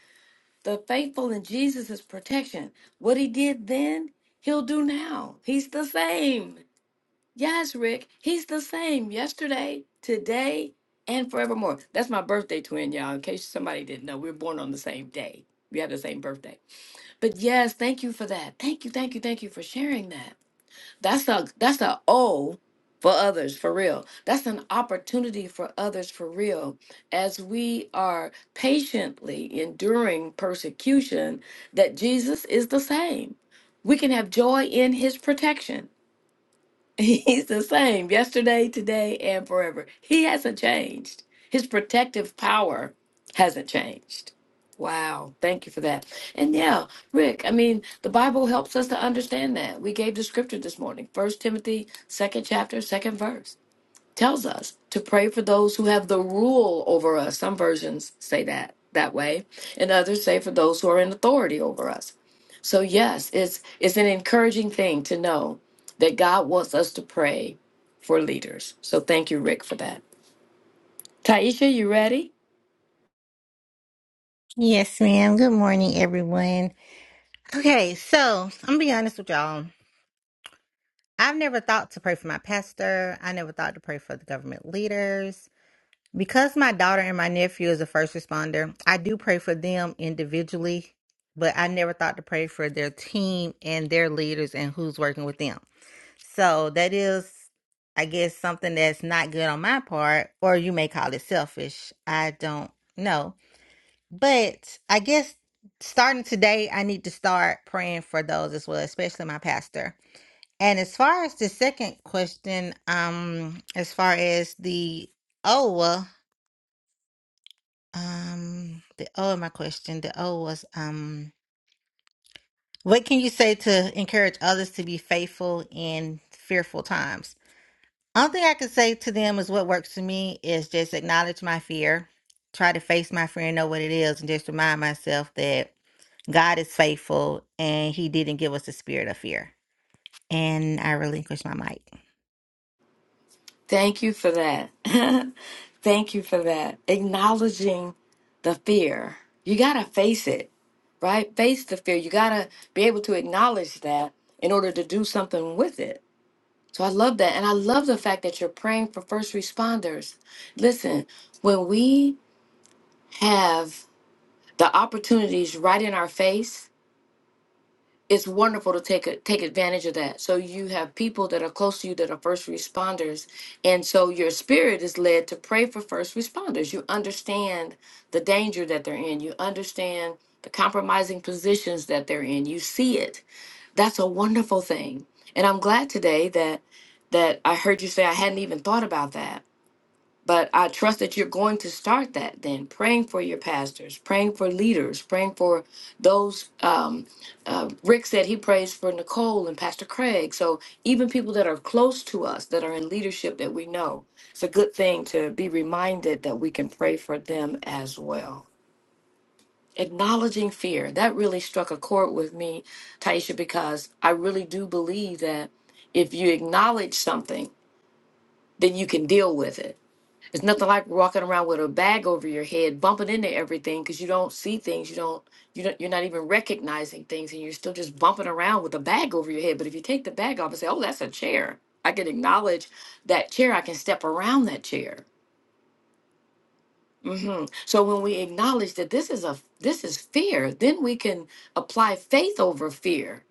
Speaker 5: The faithful in Jesus' protection. What he did then, he'll do now. He's the same. Yes, Rick, he's the same yesterday, today, and forevermore. That's my birthday twin, y'all. In case somebody didn't know, we were born on the same day. We have the same birthday. But yes, thank you for that. Thank you, thank you, thank you for sharing that. That's a that's a O for others for real. That's an opportunity for others for real. As we are patiently enduring persecution, that Jesus is the same. We can have joy in his protection. He's the same yesterday, today, and forever. He hasn't changed. His protective power hasn't changed. Wow. Thank you for that. And yeah, Rick, I mean, the Bible helps us to understand that. We gave the scripture this morning, First Timothy, second chapter, second verse tells us to pray for those who have the rule over us. Some versions say that that way, and others say for those who are in authority over us. So yes, it's it's an encouraging thing to know that God wants us to pray for leaders. So thank you, Rick, for that. Taisha, you ready?
Speaker 10: Yes, ma'am. Good morning, everyone. Okay, so I'm gonna be honest with y'all. I've never thought to pray for my pastor. I never thought to pray for the government leaders. Because my daughter and my nephew is a first responder, I do pray for them individually, but I never thought to pray for their team and their leaders and who's working with them. So that is, I guess, something that's not good on my part, or you may call it selfish. I don't know But I guess starting today, I need to start praying for those as well, especially my pastor. And as far as the second question, um, as far as the oh, well, um, the O oh, my question, the O was um, what can you say to encourage others to be faithful in fearful times? Only thing I could say to them is what works for me is just acknowledge my fear, try to face my fear and know what it is, and just remind myself that God is faithful and He didn't give us a spirit of fear. And I relinquish my mic.
Speaker 5: Thank you for that. thank you for that. Acknowledging the fear. You gotta face it right? Face the fear. You got to be able to acknowledge that in order to do something with it. So I love that. And I love the fact that you're praying for first responders. Listen, when we have the opportunities right in our face, it's wonderful to take a, take advantage of that. So you have people that are close to you that are first responders, and so your spirit is led to pray for first responders. You understand the danger that they're in. You understand the compromising positions that they're in. You see it, that's a wonderful thing. And I'm glad today that that I heard you say I hadn't even thought about that. But I trust that you're going to start that then, praying for your pastors, praying for leaders, praying for those. Um, uh, Rick said he prays for Nicole and Pastor Craig. So even people that are close to us, that are in leadership that we know, it's a good thing to be reminded that we can pray for them as well. Acknowledging fear. That really struck a chord with me, Taisha, because I really do believe that if you acknowledge something, then you can deal with it. It's nothing like walking around with a bag over your head, bumping into everything because you don't see things, you don't, you don't, you're not even recognizing things, and you're still just bumping around with a bag over your head. But if you take the bag off and say, "Oh, that's a chair," I can acknowledge that chair. I can step around that chair hmm So when we acknowledge that this is a this is fear, then we can apply faith over fear.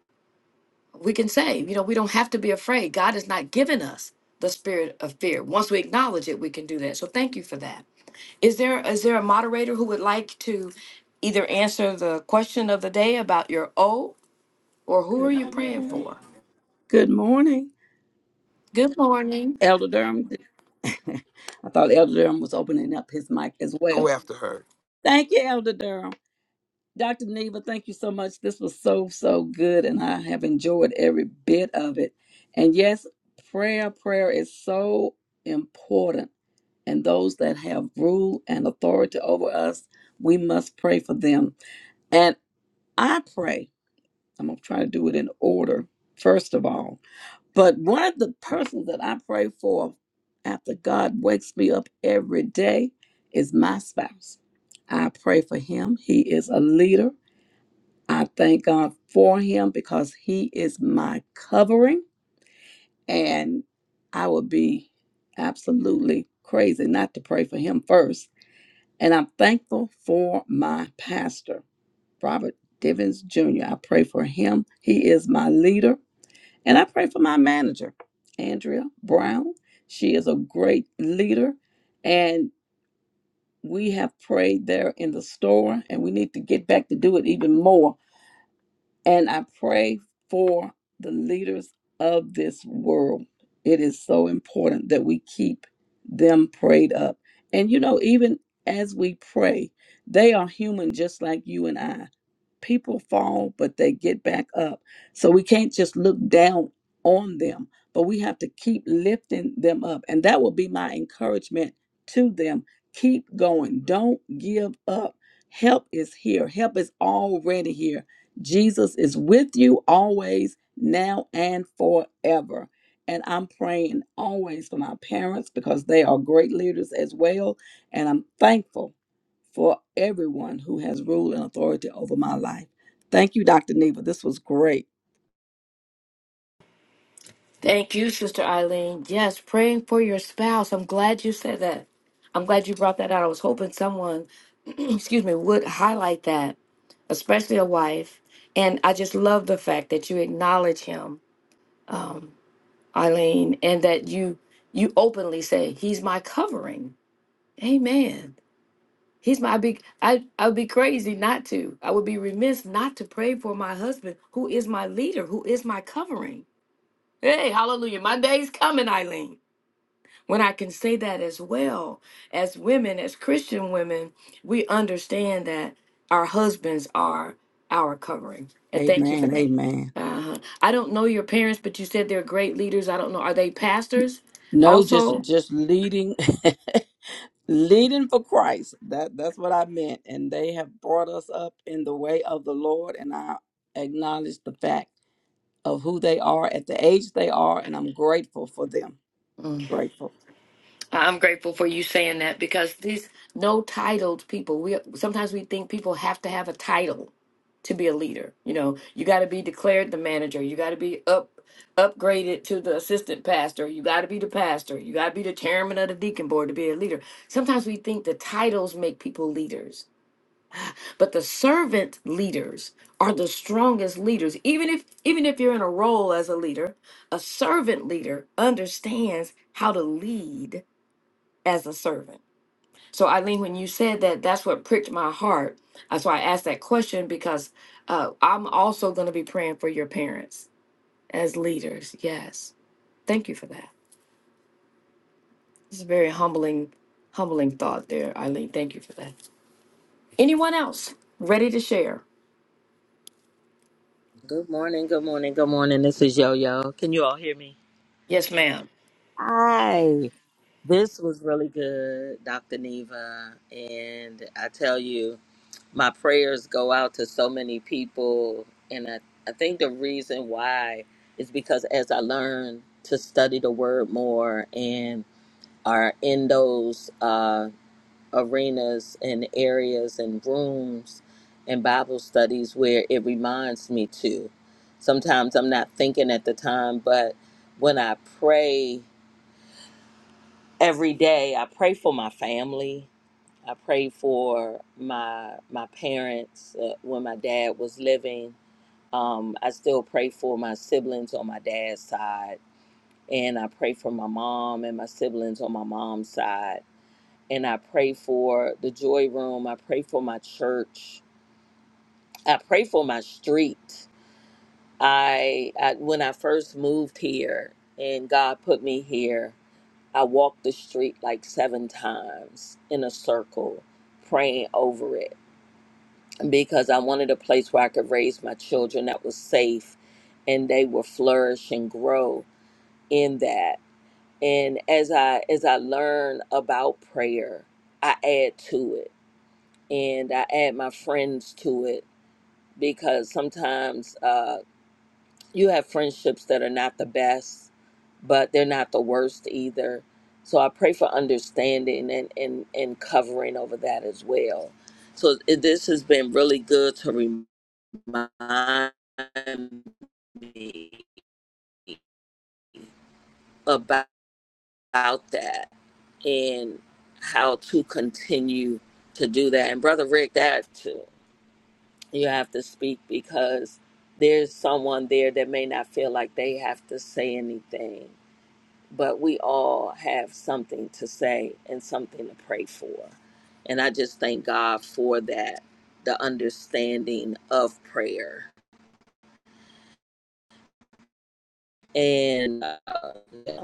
Speaker 5: We can say, you know, we don't have to be afraid. God has not given us the spirit of fear. Once we acknowledge it, we can do that. So thank you for that. Is there is there a moderator who would like to either answer the question of the day about your O or who are
Speaker 11: Good
Speaker 5: you praying
Speaker 11: morning.
Speaker 5: for?
Speaker 11: Good morning,
Speaker 5: Good morning.
Speaker 11: Elder Durham. I thought Elder Durham was opening up his mic as
Speaker 6: Go
Speaker 11: well.
Speaker 6: after her.
Speaker 11: Thank you, Elder Durham. Dr. Neva, thank you so much. This was so, so good, and I have enjoyed every bit of it. And yes, prayer, prayer is so important. And those that have rule and authority over us, we must pray for them. And I pray, I'm going to try to do it in order, first of all. But one of the persons that I pray for after God wakes me up every day is my spouse. I pray for him. He is a leader. I thank God for him because he is my covering. And I would be absolutely crazy not to pray for him first. And I'm thankful for my pastor, Robert Divins Jr. I pray for him. He is my leader. And I pray for my manager, Andrea Brown. She is a great leader. And we have prayed there in the store, and we need to get back to do it even more and I pray for the leaders of this world. It is so important that we keep them prayed up. And you know, even as we pray, they are human just like you and I. People fall, but they get back up. So we can't just look down on them, but we have to keep lifting them up. And that will be my encouragement to them. Keep going. Don't give up. Help is here. Help is already here Jesus is with you always, now and forever. And I'm praying always for my parents because they are great leaders as well. And I'm thankful for everyone who has rule and authority over my life. Thank you, Dr. Neva. This was great.
Speaker 5: Thank you, Sister Eileen. Yes, praying for your spouse. I'm glad you said that. I'm glad you brought that out. I was hoping someone excuse me, would highlight that, especially a wife. And I just love the fact that you acknowledge him, Eileen, and that you you openly say, He's my covering. Amen. He's my big I I would be crazy not to. I would be remiss not to pray for my husband, who is my leader, who is my covering. Hey, hallelujah. My day's coming, Eileen. When I can say that as well, as women, as Christian women, we understand that our husbands are our covering. And thank you for
Speaker 11: Amen.
Speaker 5: that.
Speaker 11: Amen.
Speaker 5: Uh-huh. I don't know your parents, but you said they're great leaders. I don't know. Are they pastors
Speaker 11: No, just
Speaker 5: also?
Speaker 11: just leading leading for Christ. That that's what I meant. And they have brought us up in the way of the Lord. And I acknowledge the fact. of who they are at the age they are, and I'm grateful for them.
Speaker 5: Mm.
Speaker 11: Grateful.
Speaker 5: I'm grateful for you saying that because these no titled people, we sometimes we think people have to have a title to be a leader. You know, you got to be declared the manager. You got to be up upgraded to the assistant pastor. You got to be the pastor. You got to be the chairman of the deacon board to be a leader. Sometimes we think the titles make people leaders, but the servant leaders are the strongest leaders. Even if even if you're in a role as a leader, a servant leader understands how to lead as a servant so Eileen, when you said that, that's what pricked my heart. That's why I asked that question because uh, I'm also going to be praying for your parents as leaders. Yes, thank you for that. It's a very humbling, humbling thought there, Eileen. Thank you for that. Anyone else ready to share?
Speaker 3: Good morning, good morning, good morning. This is Yo Yo. Can you all hear me?
Speaker 5: Yes, ma'am.
Speaker 3: Hi. This was really good, Dr. Neva. And I tell you, my prayers go out to so many people. And I, I think the reason why is because as I learn to study the word more and are in those uh, arenas and areas and rooms and Bible studies where it reminds me to. Sometimes I'm not thinking at the time, but when I pray every day, I pray for my family. I pray for my my parents uh, when my dad was living. Um, I still pray for my siblings on my dad's side, and I pray for my mom and my siblings on my mom's side and I pray for the joy room. I pray for my church. I pray for my street. I, I when I first moved here and God put me here, I walked the street like seven times in a circle, praying over it because I wanted a place where I could raise my children that was safe and they will flourish and grow in that. And as I as I learn about prayer, I add to it and I add my friends to it because sometimes uh, you have friendships that are not the best, but they're not the worst either. So I pray for understanding and, and, and covering over that as well. So it, this has been really good to remind me about, about that and how to continue to do that. And Brother Rick, that too you have to speak because there's someone there that may not feel like they have to say anything, but we all have something to say and something to pray for. And I just thank God for that, the understanding of prayer. And uh, yeah,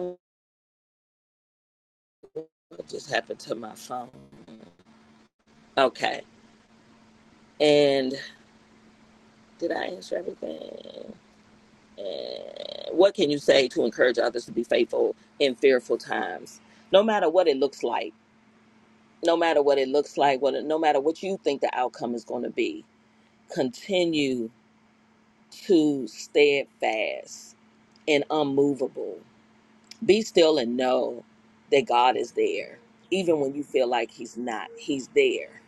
Speaker 3: what just happened to my phone? Okay. And did I answer everything? And what can you say to encourage others to be faithful in fearful times no matter what it looks like no matter what it looks like what no matter what you think the outcome is going to be continue to steadfast and unmovable be still and know that god is there even when you feel like he's not he's there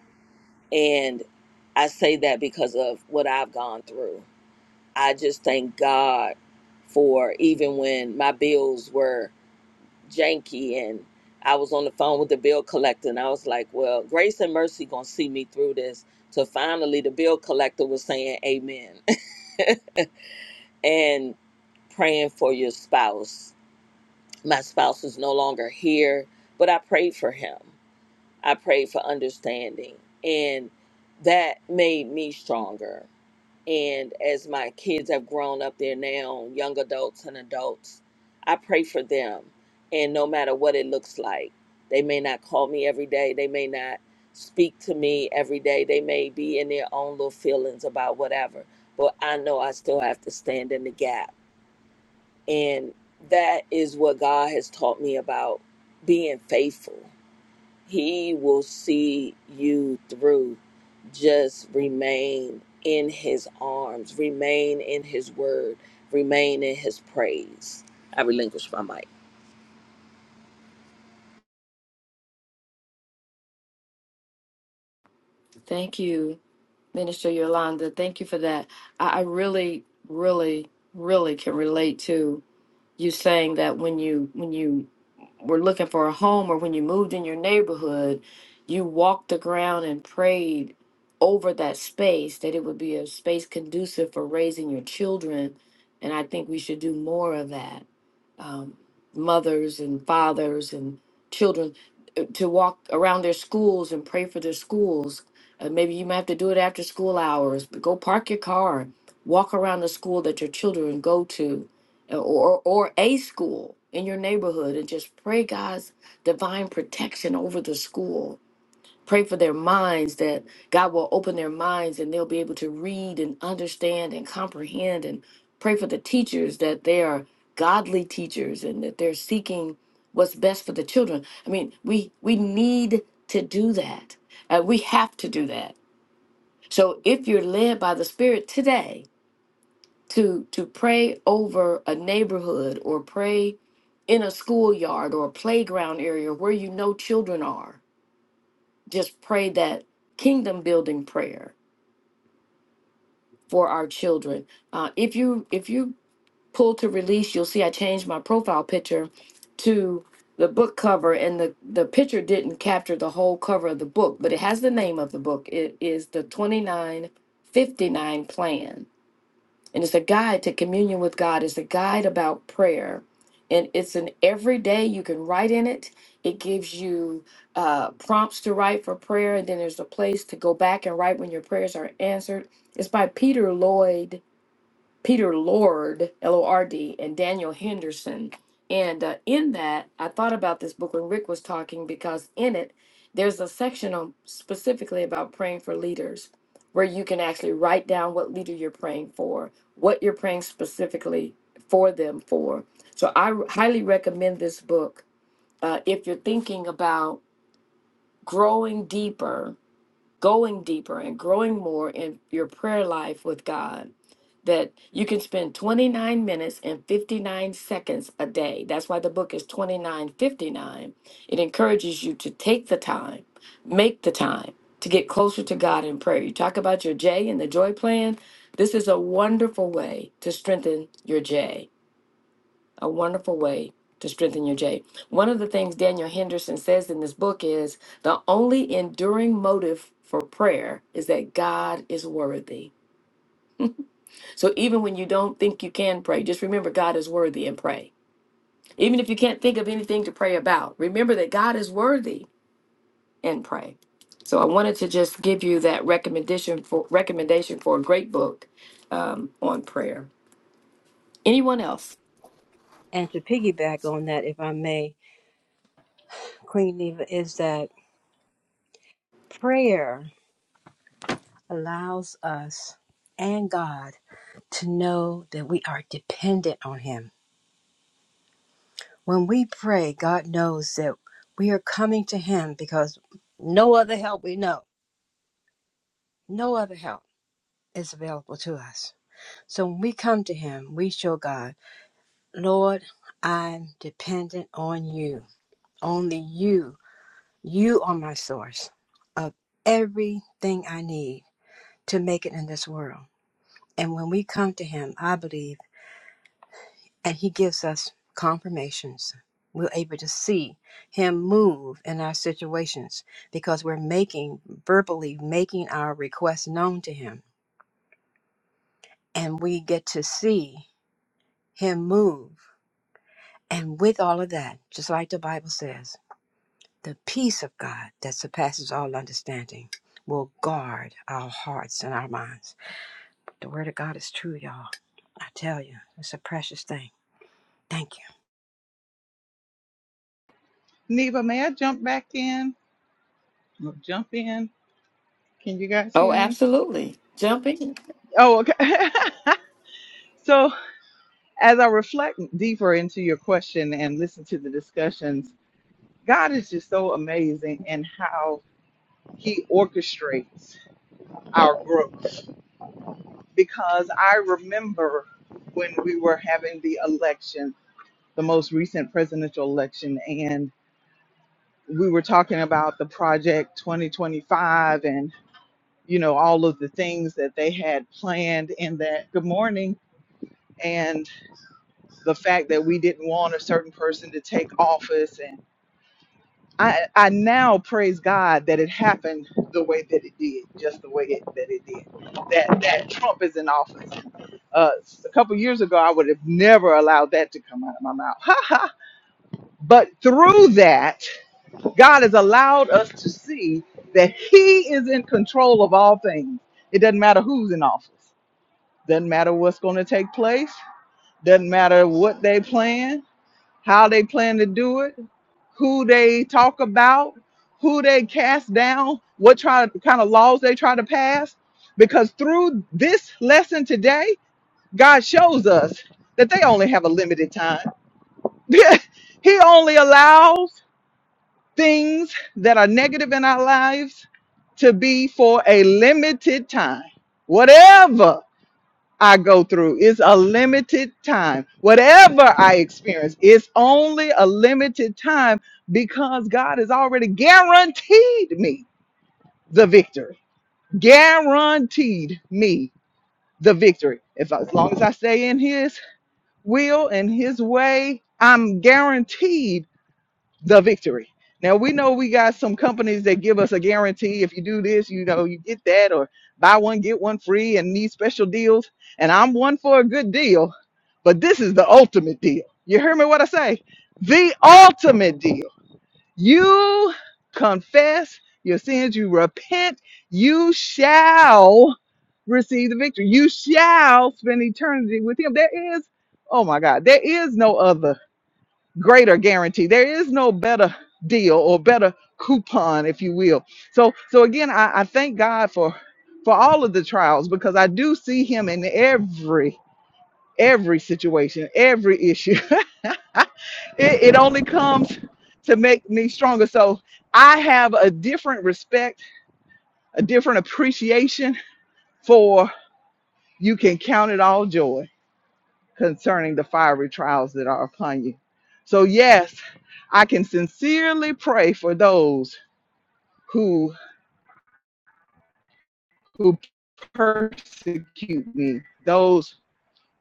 Speaker 3: and i say that because of what i've gone through i just thank god for even when my bills were janky and I was on the phone with the bill collector and I was like, well, grace and mercy going to see me through this. So finally the bill collector was saying amen and praying for your spouse. My spouse is no longer here, but I prayed for him. I prayed for understanding and that made me stronger. And as my kids have grown up, they're now young adults and adults. I pray for them. And no matter what it looks like, they may not call me every day. They may not speak to me every day. They may be in their own little feelings about whatever. But I know I still have to stand in the gap. And that is what God has taught me about being faithful he will see you through. Just remain in His arms, remain in His word, remain in His praise. I relinquish my mic.
Speaker 5: Thank you, Minister Yolanda. Thank you for that. I, I really, really, really can relate to you saying that when you when you were looking for a home or when you moved in your neighborhood, you walked the ground and prayed over that space that it would be a space conducive for raising your children. And I think we should do more of that um, mothers and fathers and children uh, to walk around their schools and pray for their schools. Uh, maybe you might have to do it after school hours, but go park your car, walk around the school that your children go to, uh, or or a school in your neighborhood, and just pray God's divine protection over the school Pray for their minds that God will open their minds and they'll be able to read and understand and comprehend. And pray for the teachers that they are godly teachers and that they're seeking what's best for the children. I mean, we we need to do that. Uh, we have to do that. So if you're led by the Spirit today to to pray over a neighborhood or pray in a schoolyard or a playground area where you know children are just pray that kingdom building prayer for our children. Uh, if you if you pull to release, you'll see I changed my profile picture to the book cover, and the the picture didn't capture the whole cover of the book, but it has the name of the book. It is the twenty nine fifty nine plan and it's a guide to communion with God, it's a guide about prayer. And it's an everyday, you can write in it. It gives you uh, prompts to write for prayer, and then there's a place to go back and write when your prayers are answered. It's by Peter Lloyd Peter Lord, L O R D, and Daniel Henderson. And uh, in that, I thought about this book when Rick was talking because in it, there's a section on specifically about praying for leaders where you can actually write down what leader you're praying for, what you're praying specifically for them for. So I r- highly recommend this book uh, if you're thinking about growing deeper, going deeper, and growing more in your prayer life with God that you can spend 29 minutes and 59 seconds a day. That's why the book is 2959. It encourages you to take the time, make the time to get closer to God in prayer. You talk about your J and the joy plan. This is a wonderful way to strengthen your J, a wonderful way to strengthen your J. One of the things Daniel Henderson says in this book is the only enduring motive for prayer is that God is worthy. So even when you don't think you can pray, just remember God is worthy and pray. Even if you can't think of anything to pray about, remember that God is worthy and pray. So I wanted to just give you that recommendation for recommendation for a great book um, on prayer. Anyone else?
Speaker 7: And to piggyback on that, if I may, Queen Neva, is that prayer allows us and God to know that we are dependent on Him. When we pray, God knows that we are coming to Him because no other help we know, no other help is available to us. So when we come to Him, we show God. Lord, I'm dependent on you. Only you. You are my source of everything I need to make it in this world. And when we come to Him, I believe, and He gives us confirmations, we're able to see Him move in our situations because we're making, verbally making our requests known to Him. And we get to see Him move. And with all of that, just like the Bible says, The peace of God that surpasses all understanding will guard our hearts and our minds. The word of God is true, y'all. I tell you, it's a precious thing. Thank you.
Speaker 1: Neva, may I jump back in? I'm gonna jump in. Can you guys
Speaker 5: Oh,
Speaker 1: hear me?
Speaker 5: absolutely. Jump in.
Speaker 1: Oh, okay. so as I reflect deeper into your question and listen to the discussions, God is just so amazing in how He orchestrates our growth. Because I remember when we were having the election, the most recent presidential election, and we were talking about the project 2025 and you know all of the things that they had planned in that good morning the fact that we didn't want a certain person to take office and I, I now praise God that it happened the way that it did, just the way it, that it did. That that Trump is in office. Uh, a couple years ago, I would have never allowed that to come out of my mouth. Ha ha! but through that, God has allowed us to see that He is in control of all things. It doesn't matter who's in office. Doesn't matter what's going to take place. Doesn't matter what they plan how they plan to do it, who they talk about, who they cast down, what try, kind of laws they try to pass. Because through this lesson today, God shows us that they only have a limited time. he only allows things that are negative in our lives to be for a limited time. Whatever I go through. It's a limited time. Whatever I experience, it's only a limited time because God has already guaranteed me the victory. Guaranteed me the victory. If as long as I stay in His will and His way, I'm guaranteed the victory. Now we know we got some companies that give us a guarantee if you do this, you know, you get that or buy one get one free and these special deals. And I'm one for a good deal, but this is the ultimate deal. You hear me what I say? The ultimate deal. You confess your sins, you repent, you shall receive the victory. You shall spend eternity with him. There is Oh my God, there is no other greater guarantee. There is no better deal or better coupon, if you will. So so again, I, I thank God for for all of the trials because I do see him in every every situation, every issue. it, it only comes to make me stronger. So I have a different respect, a different appreciation for you can count it all joy concerning the fiery trials that are upon you. So yes, I can sincerely pray for those who who persecute me, those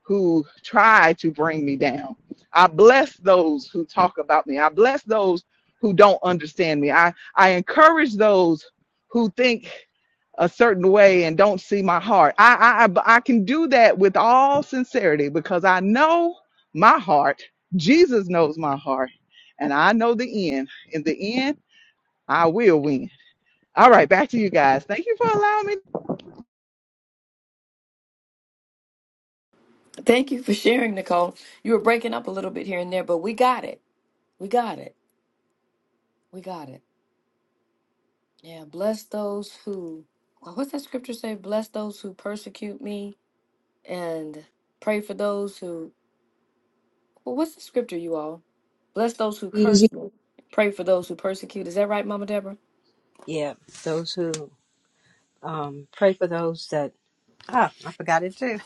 Speaker 1: who try to bring me down. I bless those who talk about me. I bless those who don't understand me. I, I encourage those who think a certain way and don't see my heart. I, I I can do that with all sincerity because I know my heart. Jesus knows my heart, and I know the end. In the end, I will win. All right, back to you guys. Thank you for allowing me.
Speaker 5: Thank you for sharing, Nicole. You were breaking up a little bit here and there, but we got it. We got it. We got it. Yeah. Bless those who. oh, What's that scripture say? Bless those who persecute me and pray for those who well, what's the scripture you all bless those who
Speaker 8: Use-
Speaker 5: curse me pray for those who persecute is that right mama deborah
Speaker 7: Yeah, those who um, pray for those that ah, I forgot it too.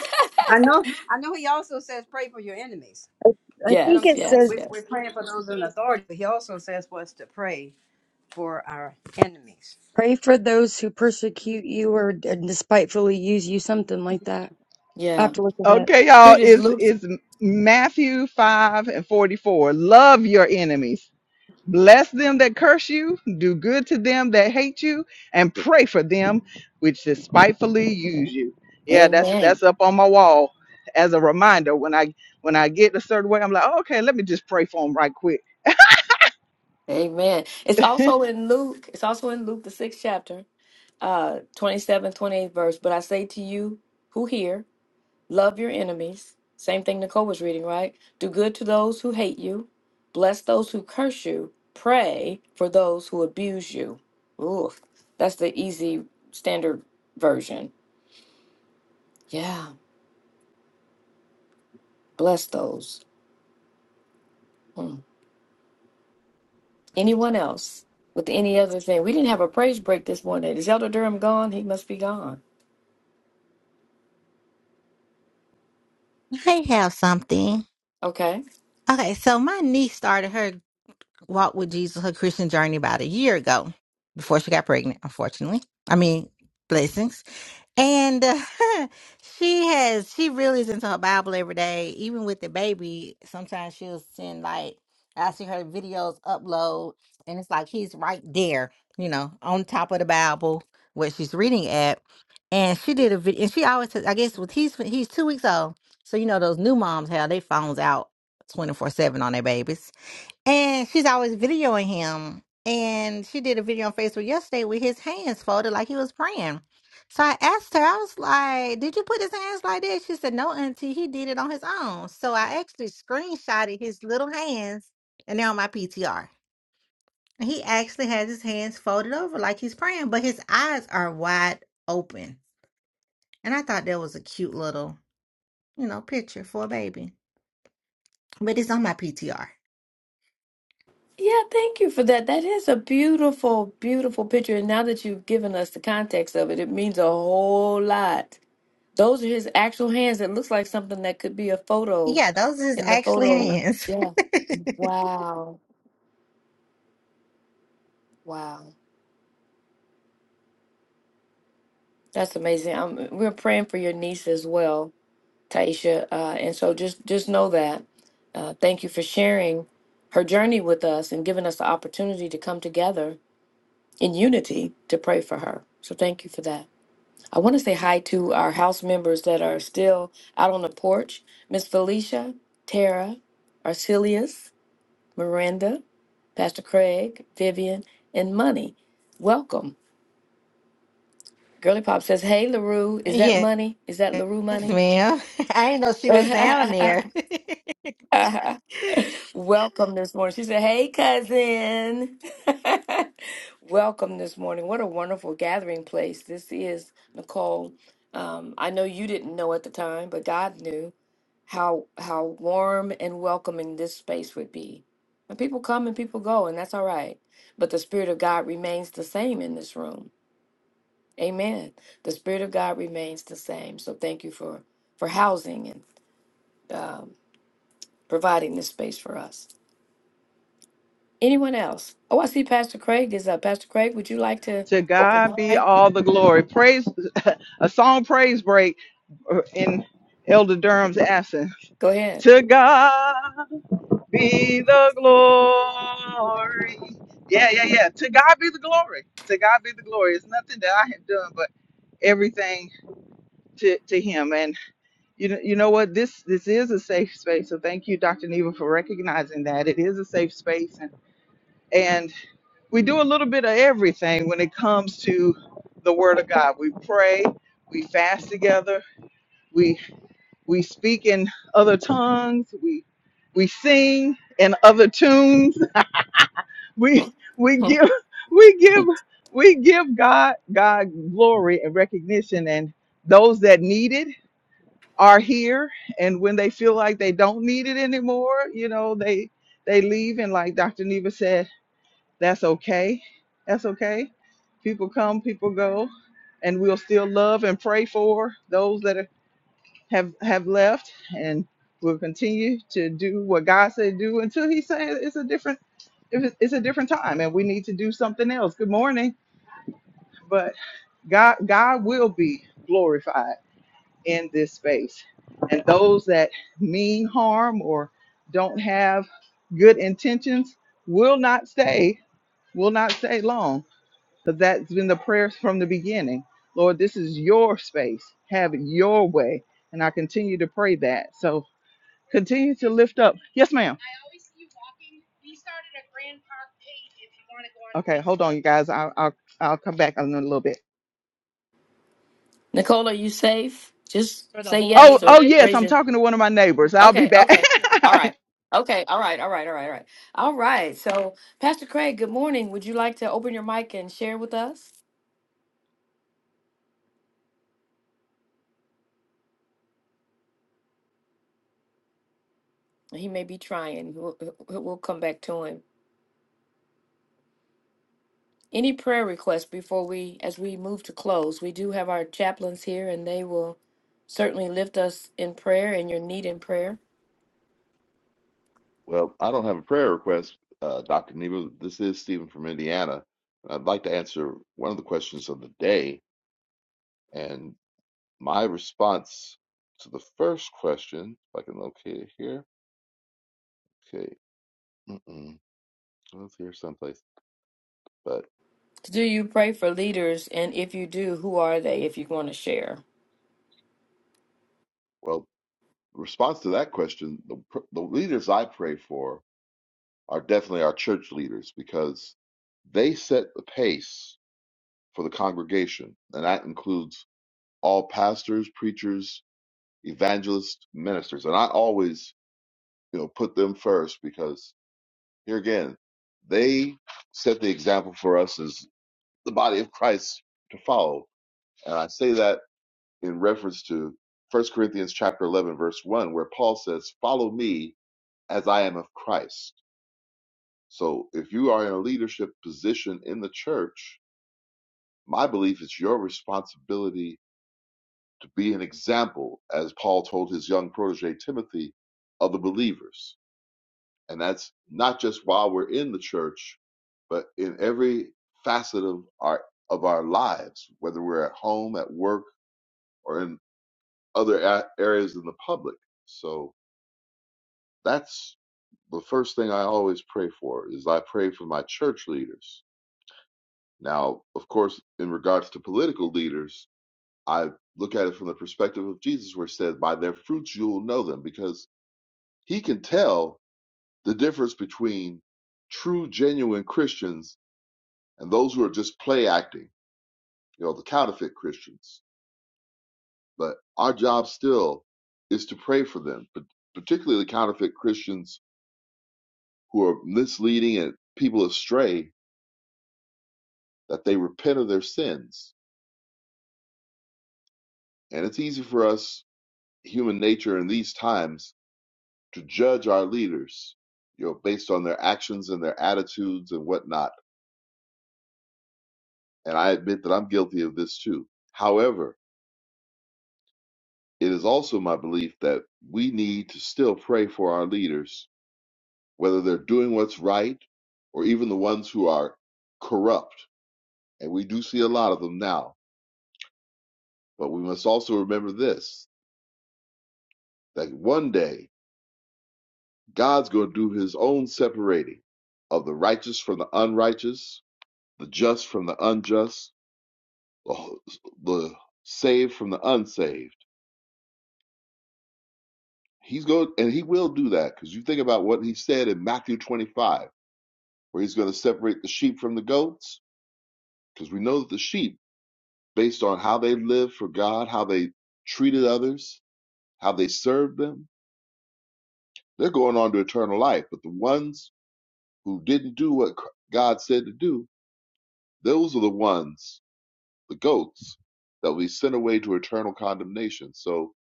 Speaker 7: I know, I know. He also says pray for your enemies.
Speaker 8: I
Speaker 7: You know what
Speaker 8: think
Speaker 7: I'm
Speaker 5: yes
Speaker 8: it
Speaker 7: saying? We,
Speaker 5: yes
Speaker 8: says,
Speaker 7: we we're
Speaker 5: yes
Speaker 7: praying for those in authority, but he also says for us to pray for our enemies.
Speaker 8: pray for those who persecute you or despitefully use you, something like that. I have
Speaker 5: yeah
Speaker 8: to look at that.
Speaker 1: Okay,
Speaker 5: here
Speaker 1: y'all,
Speaker 5: it is
Speaker 1: it's
Speaker 5: luke
Speaker 1: it's Matthew 5 and 44. Love your enemies. Bless them that curse you, do good to them that hate you, and pray for them which despitefully use you. Yeah, that's
Speaker 5: amen
Speaker 1: that's up on my wall as a reminder. When I when I get a certain way, I'm like, "Oh, okay, let me just pray for them right quick.
Speaker 5: amen it's also in luke it's also in luke the sixth chapter uh 27 28 verse but i say to you who hear Love your enemies. Same thing Nicole was reading, right? Do good to those who hate you. Bless those who curse you. Pray for those who abuse you. Ooh, that's the easy standard version. Yeah, bless those. Hmm. Anyone else with any other thing? We didn't have a praise break this morning. Is Elder Durham gone? He must be gone.
Speaker 10: I have something.
Speaker 5: Okay.
Speaker 10: Okay, so my niece started her walked with Jesus her Christian journey about a year ago before she got pregnant, unfortunately. I mean, blessings. And uh, she has, she really is into her Bible every day, even with the baby. Sometimes she'll send, like, I see her videos upload, and it's like he's right there, you know, on top of the Bible where she's reading at. And she did a video, and she always, says- I guess, with he's he's two weeks old, so you know those new moms have their phones out twenty four seven on their babies. And she's always videoing him. And she did a video on Facebook yesterday with his hands folded like he was praying. So I asked her, I was like, Did you put his hands like that? She said, No, auntie, he did it on his own. So I actually screenshotted his little hands and they're on my PTR. And he actually has his hands folded over like he's praying, but his eyes are wide open. And I thought that was a cute little, you know, picture for a baby. But it's on my PTR.
Speaker 5: Yeah, thank you for that. That is a beautiful, beautiful picture. And now that you've given us the context of it, it means a whole lot Those are his actual hands. It looks like something that could be a photo
Speaker 10: Yeah, those is
Speaker 5: in the
Speaker 10: actually
Speaker 5: photo.
Speaker 10: hands.
Speaker 5: Yeah. Wow. Wow. That's amazing. Um, we're praying for your niece as well, Taisha. Uh, and so just just know that. Uh, thank you for sharing her journey with us and giving us the opportunity to come together in unity to pray for her. So thank you for that. I want to say hi to our house members that are still out on the porch. Miss Felicia, Tara, Arcelius. Miranda, Pastor Craig, Vivian, and Money. Welcome. Girly Pop says, Hey, LaRue, is that
Speaker 10: Yes,
Speaker 5: money? Is that LaRue money?
Speaker 10: ma'am. I didn't know she was down there.
Speaker 5: Welcome this morning. She said, Hey, cousin. Welcome this morning. What a wonderful gathering place this is, Nicole. Um, I know you didn't know at the time, but God knew. how how warm and welcoming this space would be. And people come and people go, and that's all right. But the Spirit of God remains the same in this room. Amen. The Spirit of God remains the same. So thank you for for housing and um, providing this space for us. Anyone else? Oh, I see Pastor Craig is up. Pastor Craig, would you like to
Speaker 1: To
Speaker 5: open
Speaker 1: God
Speaker 5: the
Speaker 1: be
Speaker 5: mic?
Speaker 1: all the glory. Praise a song praise break uh, in Elder Durham's absence.
Speaker 5: Go ahead.
Speaker 1: To God. be the glory. Yeah, yeah, yeah. To God be the glory. To God be the glory. It's nothing that I have done, but everything to, to Him. And you know, you know what? This this is a safe space. So thank you, Dr. Neva, for recognizing that it is a safe space. And and we do a little bit of everything when it comes to the Word of God. We pray. We fast together. We we speak in other tongues. We we sing in other tunes we we give we give we give God God glory and recognition and those that need it are here and when they feel like they don't need it anymore, you know, they they leave and like Dr. Neva said, that's okay. That's okay. People come, people go, and we'll still love and pray for those that are, have have left and we'll continue to do what God said do until he says it's a different it was- it's a different time and we need to do something else. Good morning. But God God will be glorified in this space. And those that mean harm or don't have good intentions will not stay, will not stay long. Because that's been the prayer from the beginning. Lord, this is your space. Have it your way. And I continue to pray that. So. Continue to lift up. Yes, ma'am. I always see you walking. We started a Grand Park page if you want to go on. Okay, hold on, you guys. I'll I'll, I'll come back in a little bit.
Speaker 5: Nicola, are you safe? Just say
Speaker 1: Oh,
Speaker 5: yes
Speaker 1: oh
Speaker 5: or
Speaker 1: yes,
Speaker 5: raise
Speaker 1: I'm
Speaker 5: your
Speaker 1: talking to one of my neighbors. I'll be
Speaker 5: Okay,
Speaker 1: back.
Speaker 5: okay. All right. Okay, all right, all right, all right, all right. All right. So, Pastor Craig, good morning. Would you like to open your mic and share with us? He may be trying. We'll, we'll we'll come back to him. Any prayer requests before we, as we move to close? We do have our chaplains here, and they will certainly lift us in prayer and your need in prayer.
Speaker 12: Well, I don't have a prayer request, uh, Dr. Nebo. This is Stephen from Indiana. And I'd like to answer one of the questions of the day. And my response to the first question, if I can locate it here. Okay. Mm-mm. Well, It's here someplace. But,
Speaker 5: Do you pray for leaders? And if you do, who are they if you want to share?
Speaker 12: well, response to that question, the, pr- the leaders I pray for are definitely our church leaders because they set the pace for the congregation. And that includes all pastors, preachers, evangelist ministers and i always you know put them first because here again they set the example for us as the body of christ to follow and i say that in reference to First corinthians chapter 11 verse 1 where paul says follow me as i am of christ so if you are in a leadership position in the church my belief is your responsibility to be an example as paul told his young protege timothy of the believers And that's not just while we're in the church, but in every facet of our of our lives, whether we're at home, at work, or in other a- areas in the public. So that's the first thing I always pray for is I pray for my church leaders. Now, of course, in regards to political leaders, I look at it from the perspective of Jesus, where it says, "By their fruits you will know them," because he can tell the difference between true, genuine Christians and those who are just play acting, you know, the counterfeit Christians. But our job still is to pray for them, but particularly the counterfeit Christians who are misleading and people astray that they repent of their sins. And it's easy for us, human nature in these times, to judge our leaders, you know, based on their actions and their attitudes and whatnot. And I admit that I'm guilty of this too. However, it is also my belief that we need to still pray for our leaders whether they're doing what's right or even the ones who are corrupt. And we do see a lot of them now. But we must also remember this that one day God's going to do his own separating of the righteous from the unrighteous, the just from the unjust, the, the saved from the unsaved. He's going, and he will do that because you think about what he said in Matthew 25, where he's going to separate the sheep from the goats, because we know that the sheep based on how they lived for God, how they treated others, how they served them. They're going on to eternal life. But the ones who didn't do what God said to do, those are the ones, the goats, that will be sent away to eternal condemnation. So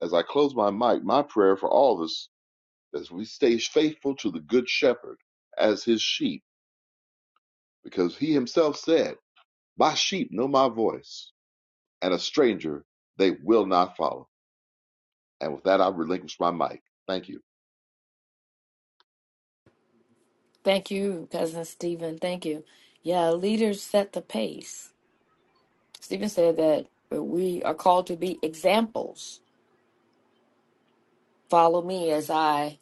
Speaker 12: as I close my mic, my prayer for all of us is we stay faithful to the good shepherd as his sheep, because he himself said, My sheep know my voice, and a stranger they will not follow. And with that, I relinquish my mic. Thank you.
Speaker 5: Thank you, Cousin Stephen. Thank you. Yeah, leaders set the pace. Stephen said that we are called to be examples. Follow me as I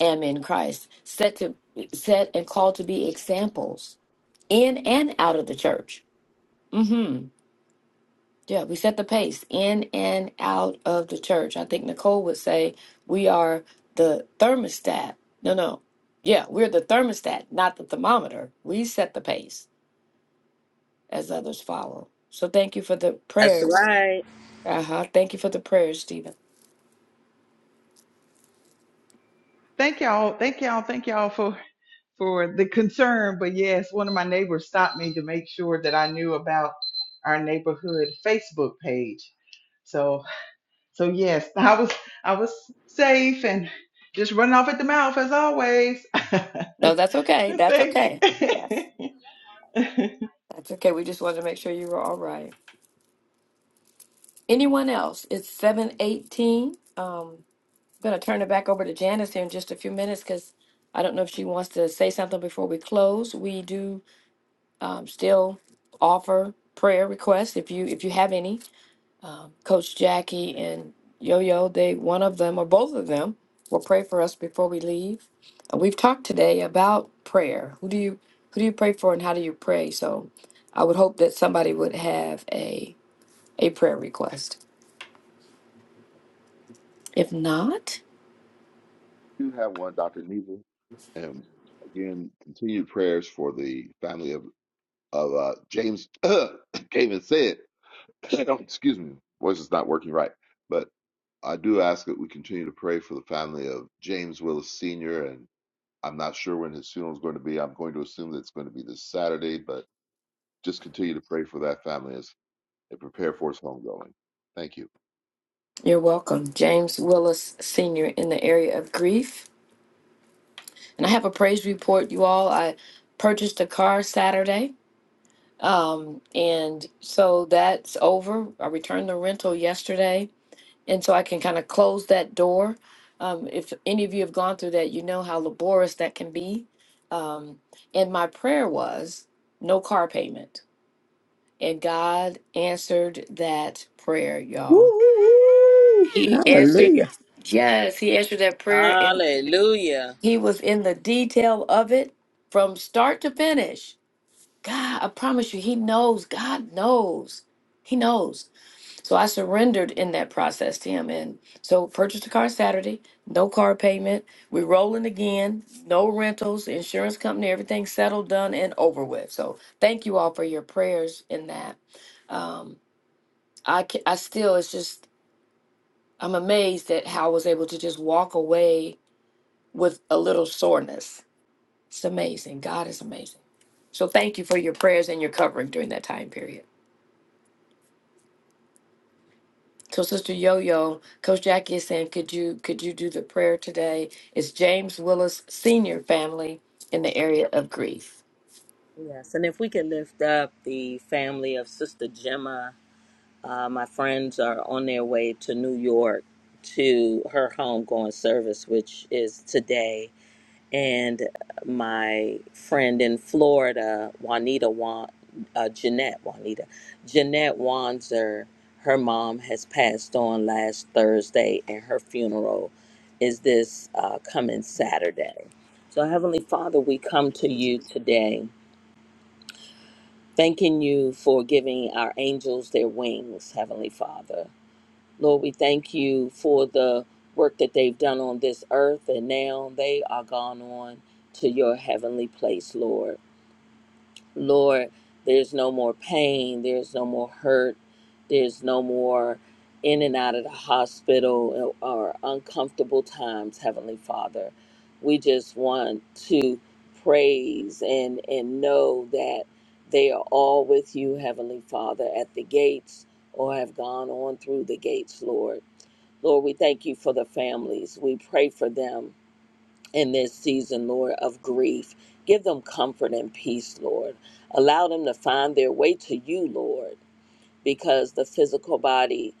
Speaker 5: am in Christ. Set to set and called to be examples in and out of the church. Mm-hmm. Yeah, we set the pace in and out of the church. I think Nicole would say we are the thermostat. No, no. Yeah, we're the thermostat, not the thermometer. We set the pace as others follow. So thank you for the
Speaker 3: That's
Speaker 5: prayers.
Speaker 3: right.
Speaker 5: Uh-huh. Thank you for the prayers, Stephen.
Speaker 1: thank y'all, thank y'all, thank y'all for for the concern. But yes, one of my neighbors stopped me to make sure that I knew about our neighborhood Facebook page. So so yes, I was I was safe and just running off at the mouth as always.
Speaker 5: No, that's okay. That's
Speaker 1: Thank you.
Speaker 5: okay. Yes. That's okay. We just wanted to make sure you were all right. Anyone else? It's 718. Um, I'm going to turn it back over to Janice here in just a few minutes because I don't know if she wants to say something before we close. We do um, still offer prayer requests if you if you have any. Coach Jackie and Yo Yo, they one of them or both of them will pray for us before we leave. And we've talked today about prayer. Who do you who do you pray for and how do you pray? So I would hope that somebody would have a a prayer request. If not,
Speaker 12: do have one, Dr. Neva. And again, continued prayers for the family of, of uh, James, can't even say it. Oh, Excuse me, voice is not working right. But I do ask that we continue to pray for the family of James Willis Sr. And I'm not sure when his funeral is going to be. I'm going to assume that it's going to be this Saturday, but just continue to pray for that family as they prepare for his homegoing. Thank you.
Speaker 5: you're welcome. James Willis Sr. in the area of grief. And I have a praise report, you all. I purchased a car Saturday. Um, and so that's over. I returned the rental yesterday and so I can kind of close that door. Um, if any of you have gone through that, you know how laborious that can be. Um, and my prayer was no car payment, and God answered that prayer,
Speaker 11: Woo,
Speaker 5: y'all.
Speaker 11: woo, woo.
Speaker 5: He answered,
Speaker 11: Hallelujah.
Speaker 5: yes, He answered that prayer, and
Speaker 3: Hallelujah.
Speaker 5: He was in the detail of it from start to finish. God, I promise you, He knows. God knows. He knows. So I surrendered in that process to him. And so purchased a car Saturday, no car payment. We're rolling again, no rentals, insurance company, everything settled, done, and over with. So thank you all for your prayers in that. Um, I, ca- I still, it's just, I'm amazed at how I was able to just walk away with a little soreness. It's amazing. God is amazing. So thank you for your prayers and your covering during that time period. So, Sister Yo Yo, Coach Jackie is saying, could you could you do the prayer today? It's James Willis Senior family in the area of grief.
Speaker 3: Yes, and if we could lift up the family of Sister Gemma, uh, my friends are on their way to New York to her homegoing service, which is today and my friend in Florida, Juanita Wan, uh, Jeanette Juanita, Jeanette Wanzer. Her mom has passed on last Thursday, and her funeral is this uh, coming Saturday. So, Heavenly Father, we come to you today, thanking you for giving our angels their wings, Heavenly Father. Lord, we thank you for the work that they've done on this earth, and now they are gone on to your heavenly place, Lord. Lord, there's no more pain, there's no more hurt, there's no more in and out of the hospital or uncomfortable times, Heavenly Father. We just want to praise and, and know that they are all with you, Heavenly Father, at the gates or have gone on through the gates, Lord. Lord, we thank you for the families. We pray for them in this season, Lord, of grief. Give them comfort and peace, Lord. Allow them to find their way to you, Lord, because the physical body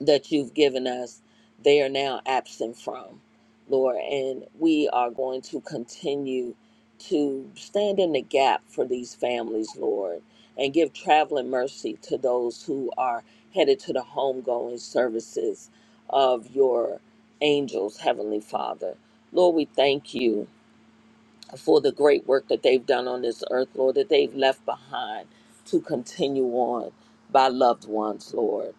Speaker 3: that you've given us, they are now absent from, Lord. And we are going to continue to stand in the gap for these families, Lord, and give traveling mercy to those who are headed to the homegoing services of your angels, Heavenly Father. Lord, we thank you for the great work that they've done on this earth, Lord, that they've left behind to continue on by loved ones, Lord.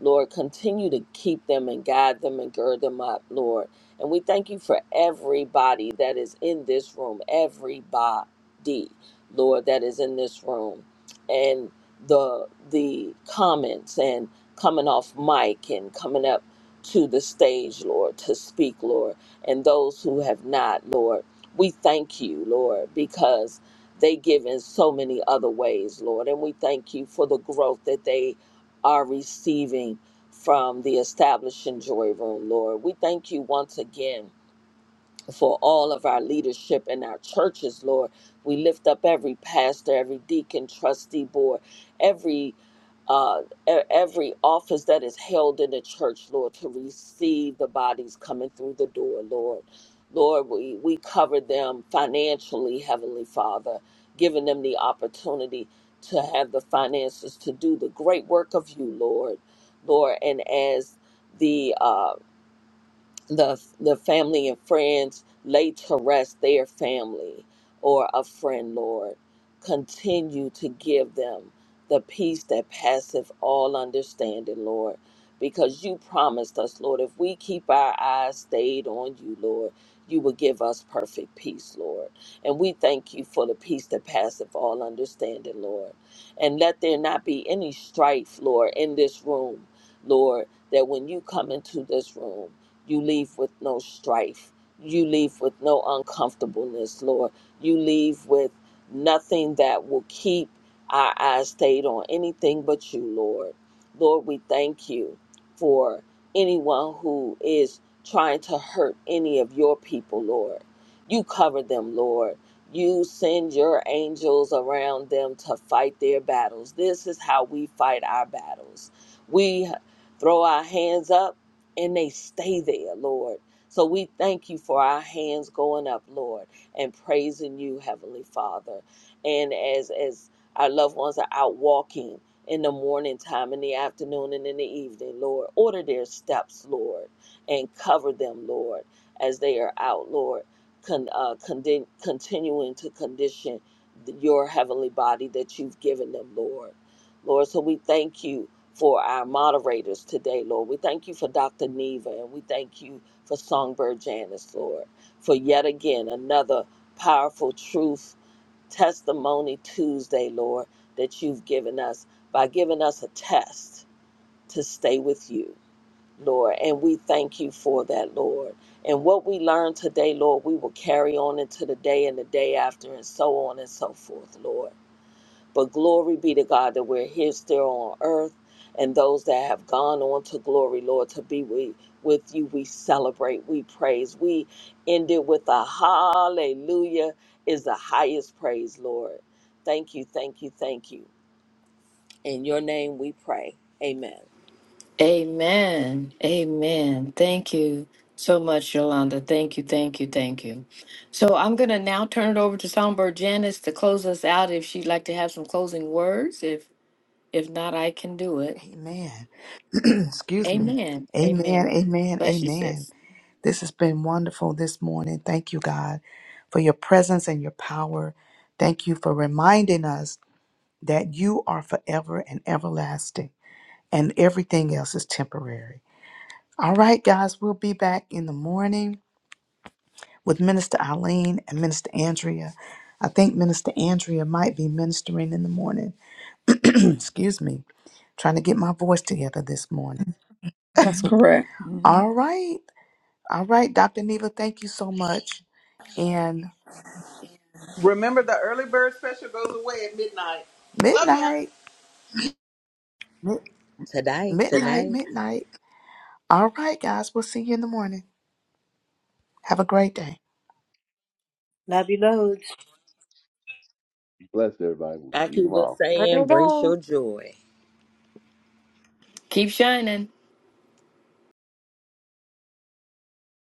Speaker 3: Lord, continue to keep them and guide them and gird them up, Lord. And we thank you for everybody that is in this room, everybody, Lord, that is in this room, and the the comments and coming off mic and coming up to the stage, Lord, to speak, Lord, and those who have not, Lord. We thank you, Lord, because they give in so many other ways, Lord. And we thank you for the growth that they are receiving from the establishing joy room, Lord. We thank you once again for all of our leadership in our churches, Lord. We lift up every pastor, every deacon, trustee board, every uh, e- every office that is held in the church, Lord, to receive the bodies coming through the door, Lord. Lord, we, we cover them financially, Heavenly Father, giving them the opportunity to have the finances to do the great work of you, Lord. Lord, and as the uh, the the family and friends lay to rest their family or a friend lord continue to give them the peace that passeth all understanding lord because you promised us lord if we keep our eyes stayed on you lord you will give us perfect peace lord and we thank you for the peace that passeth all understanding lord and let there not be any strife lord in this room lord that when you come into this room you leave with no strife. You leave with no uncomfortableness, Lord. You leave with nothing that will keep our eyes stayed on anything but you, Lord. Lord, we thank you for anyone who is trying to hurt any of your people, Lord. You cover them, Lord. You send your angels around them to fight their battles. This is how we fight our battles. We throw our hands up and they stay there, Lord. So we thank you for our hands going up, Lord, and praising you, Heavenly Father. And as as our loved ones are out walking in the morning time, in the afternoon, and in the evening, Lord, order their steps, Lord, and cover them, Lord, as they are out, Lord, con, uh, conden- continuing to condition your heavenly body that you've given them, Lord. Lord, so we thank you for our moderators today, Lord. We thank you for Dr. Neva and we thank you for Songbird Janice, Lord, for yet again another powerful truth testimony Tuesday, Lord, that you've given us by giving us a test to stay with you, Lord. And we thank you for that, Lord. And what we learned today, Lord, we will carry on into the day and the day after and so on and so forth, Lord. But glory be to God that we're here still on earth and those that have gone on to glory, Lord, to be with, with you. We celebrate, we praise. We end it with a hallelujah is the highest praise, Lord. Thank you, thank you, thank you. In your name we pray. Amen.
Speaker 5: Amen. Amen. Thank you so much, Yolanda. Thank you. Thank you. Thank you. So I'm gonna now turn it over to Songbird Janice to close us out. If she'd like to have some closing words, if if not, I can do it.
Speaker 4: Amen. Excuse me.
Speaker 5: Amen.
Speaker 4: Amen.
Speaker 5: Amen.
Speaker 4: Amen.
Speaker 5: Bless you,
Speaker 4: Amen.
Speaker 5: sis.
Speaker 4: This has been wonderful this morning. Thank you, God, for your presence and your power. Thank you for reminding us that you are forever and everlasting. and everything else is temporary. All right, guys, we'll be back in the morning with Minister Eileen and Minister Andrea. I think Minister Andrea might be ministering in the morning. Excuse me, trying to get my voice together this morning.
Speaker 11: That's correct. Mm-hmm.
Speaker 4: All right, all right, Dr. Neva, thank you so much. And
Speaker 1: Remember, the early bird special goes away at midnight. Love ya.
Speaker 4: midnight, mi-
Speaker 3: Today,
Speaker 4: midnight,
Speaker 3: today,
Speaker 4: midnight. All right, guys, we'll see you in the morning. Have a great day.
Speaker 7: Love you, loads.
Speaker 12: Be blessed, everybody. We'll
Speaker 3: like
Speaker 12: see you
Speaker 3: you were
Speaker 12: tomorrow.
Speaker 10: There
Speaker 3: saying,
Speaker 10: they
Speaker 3: embrace
Speaker 10: go.
Speaker 3: your joy.
Speaker 5: Keep shining.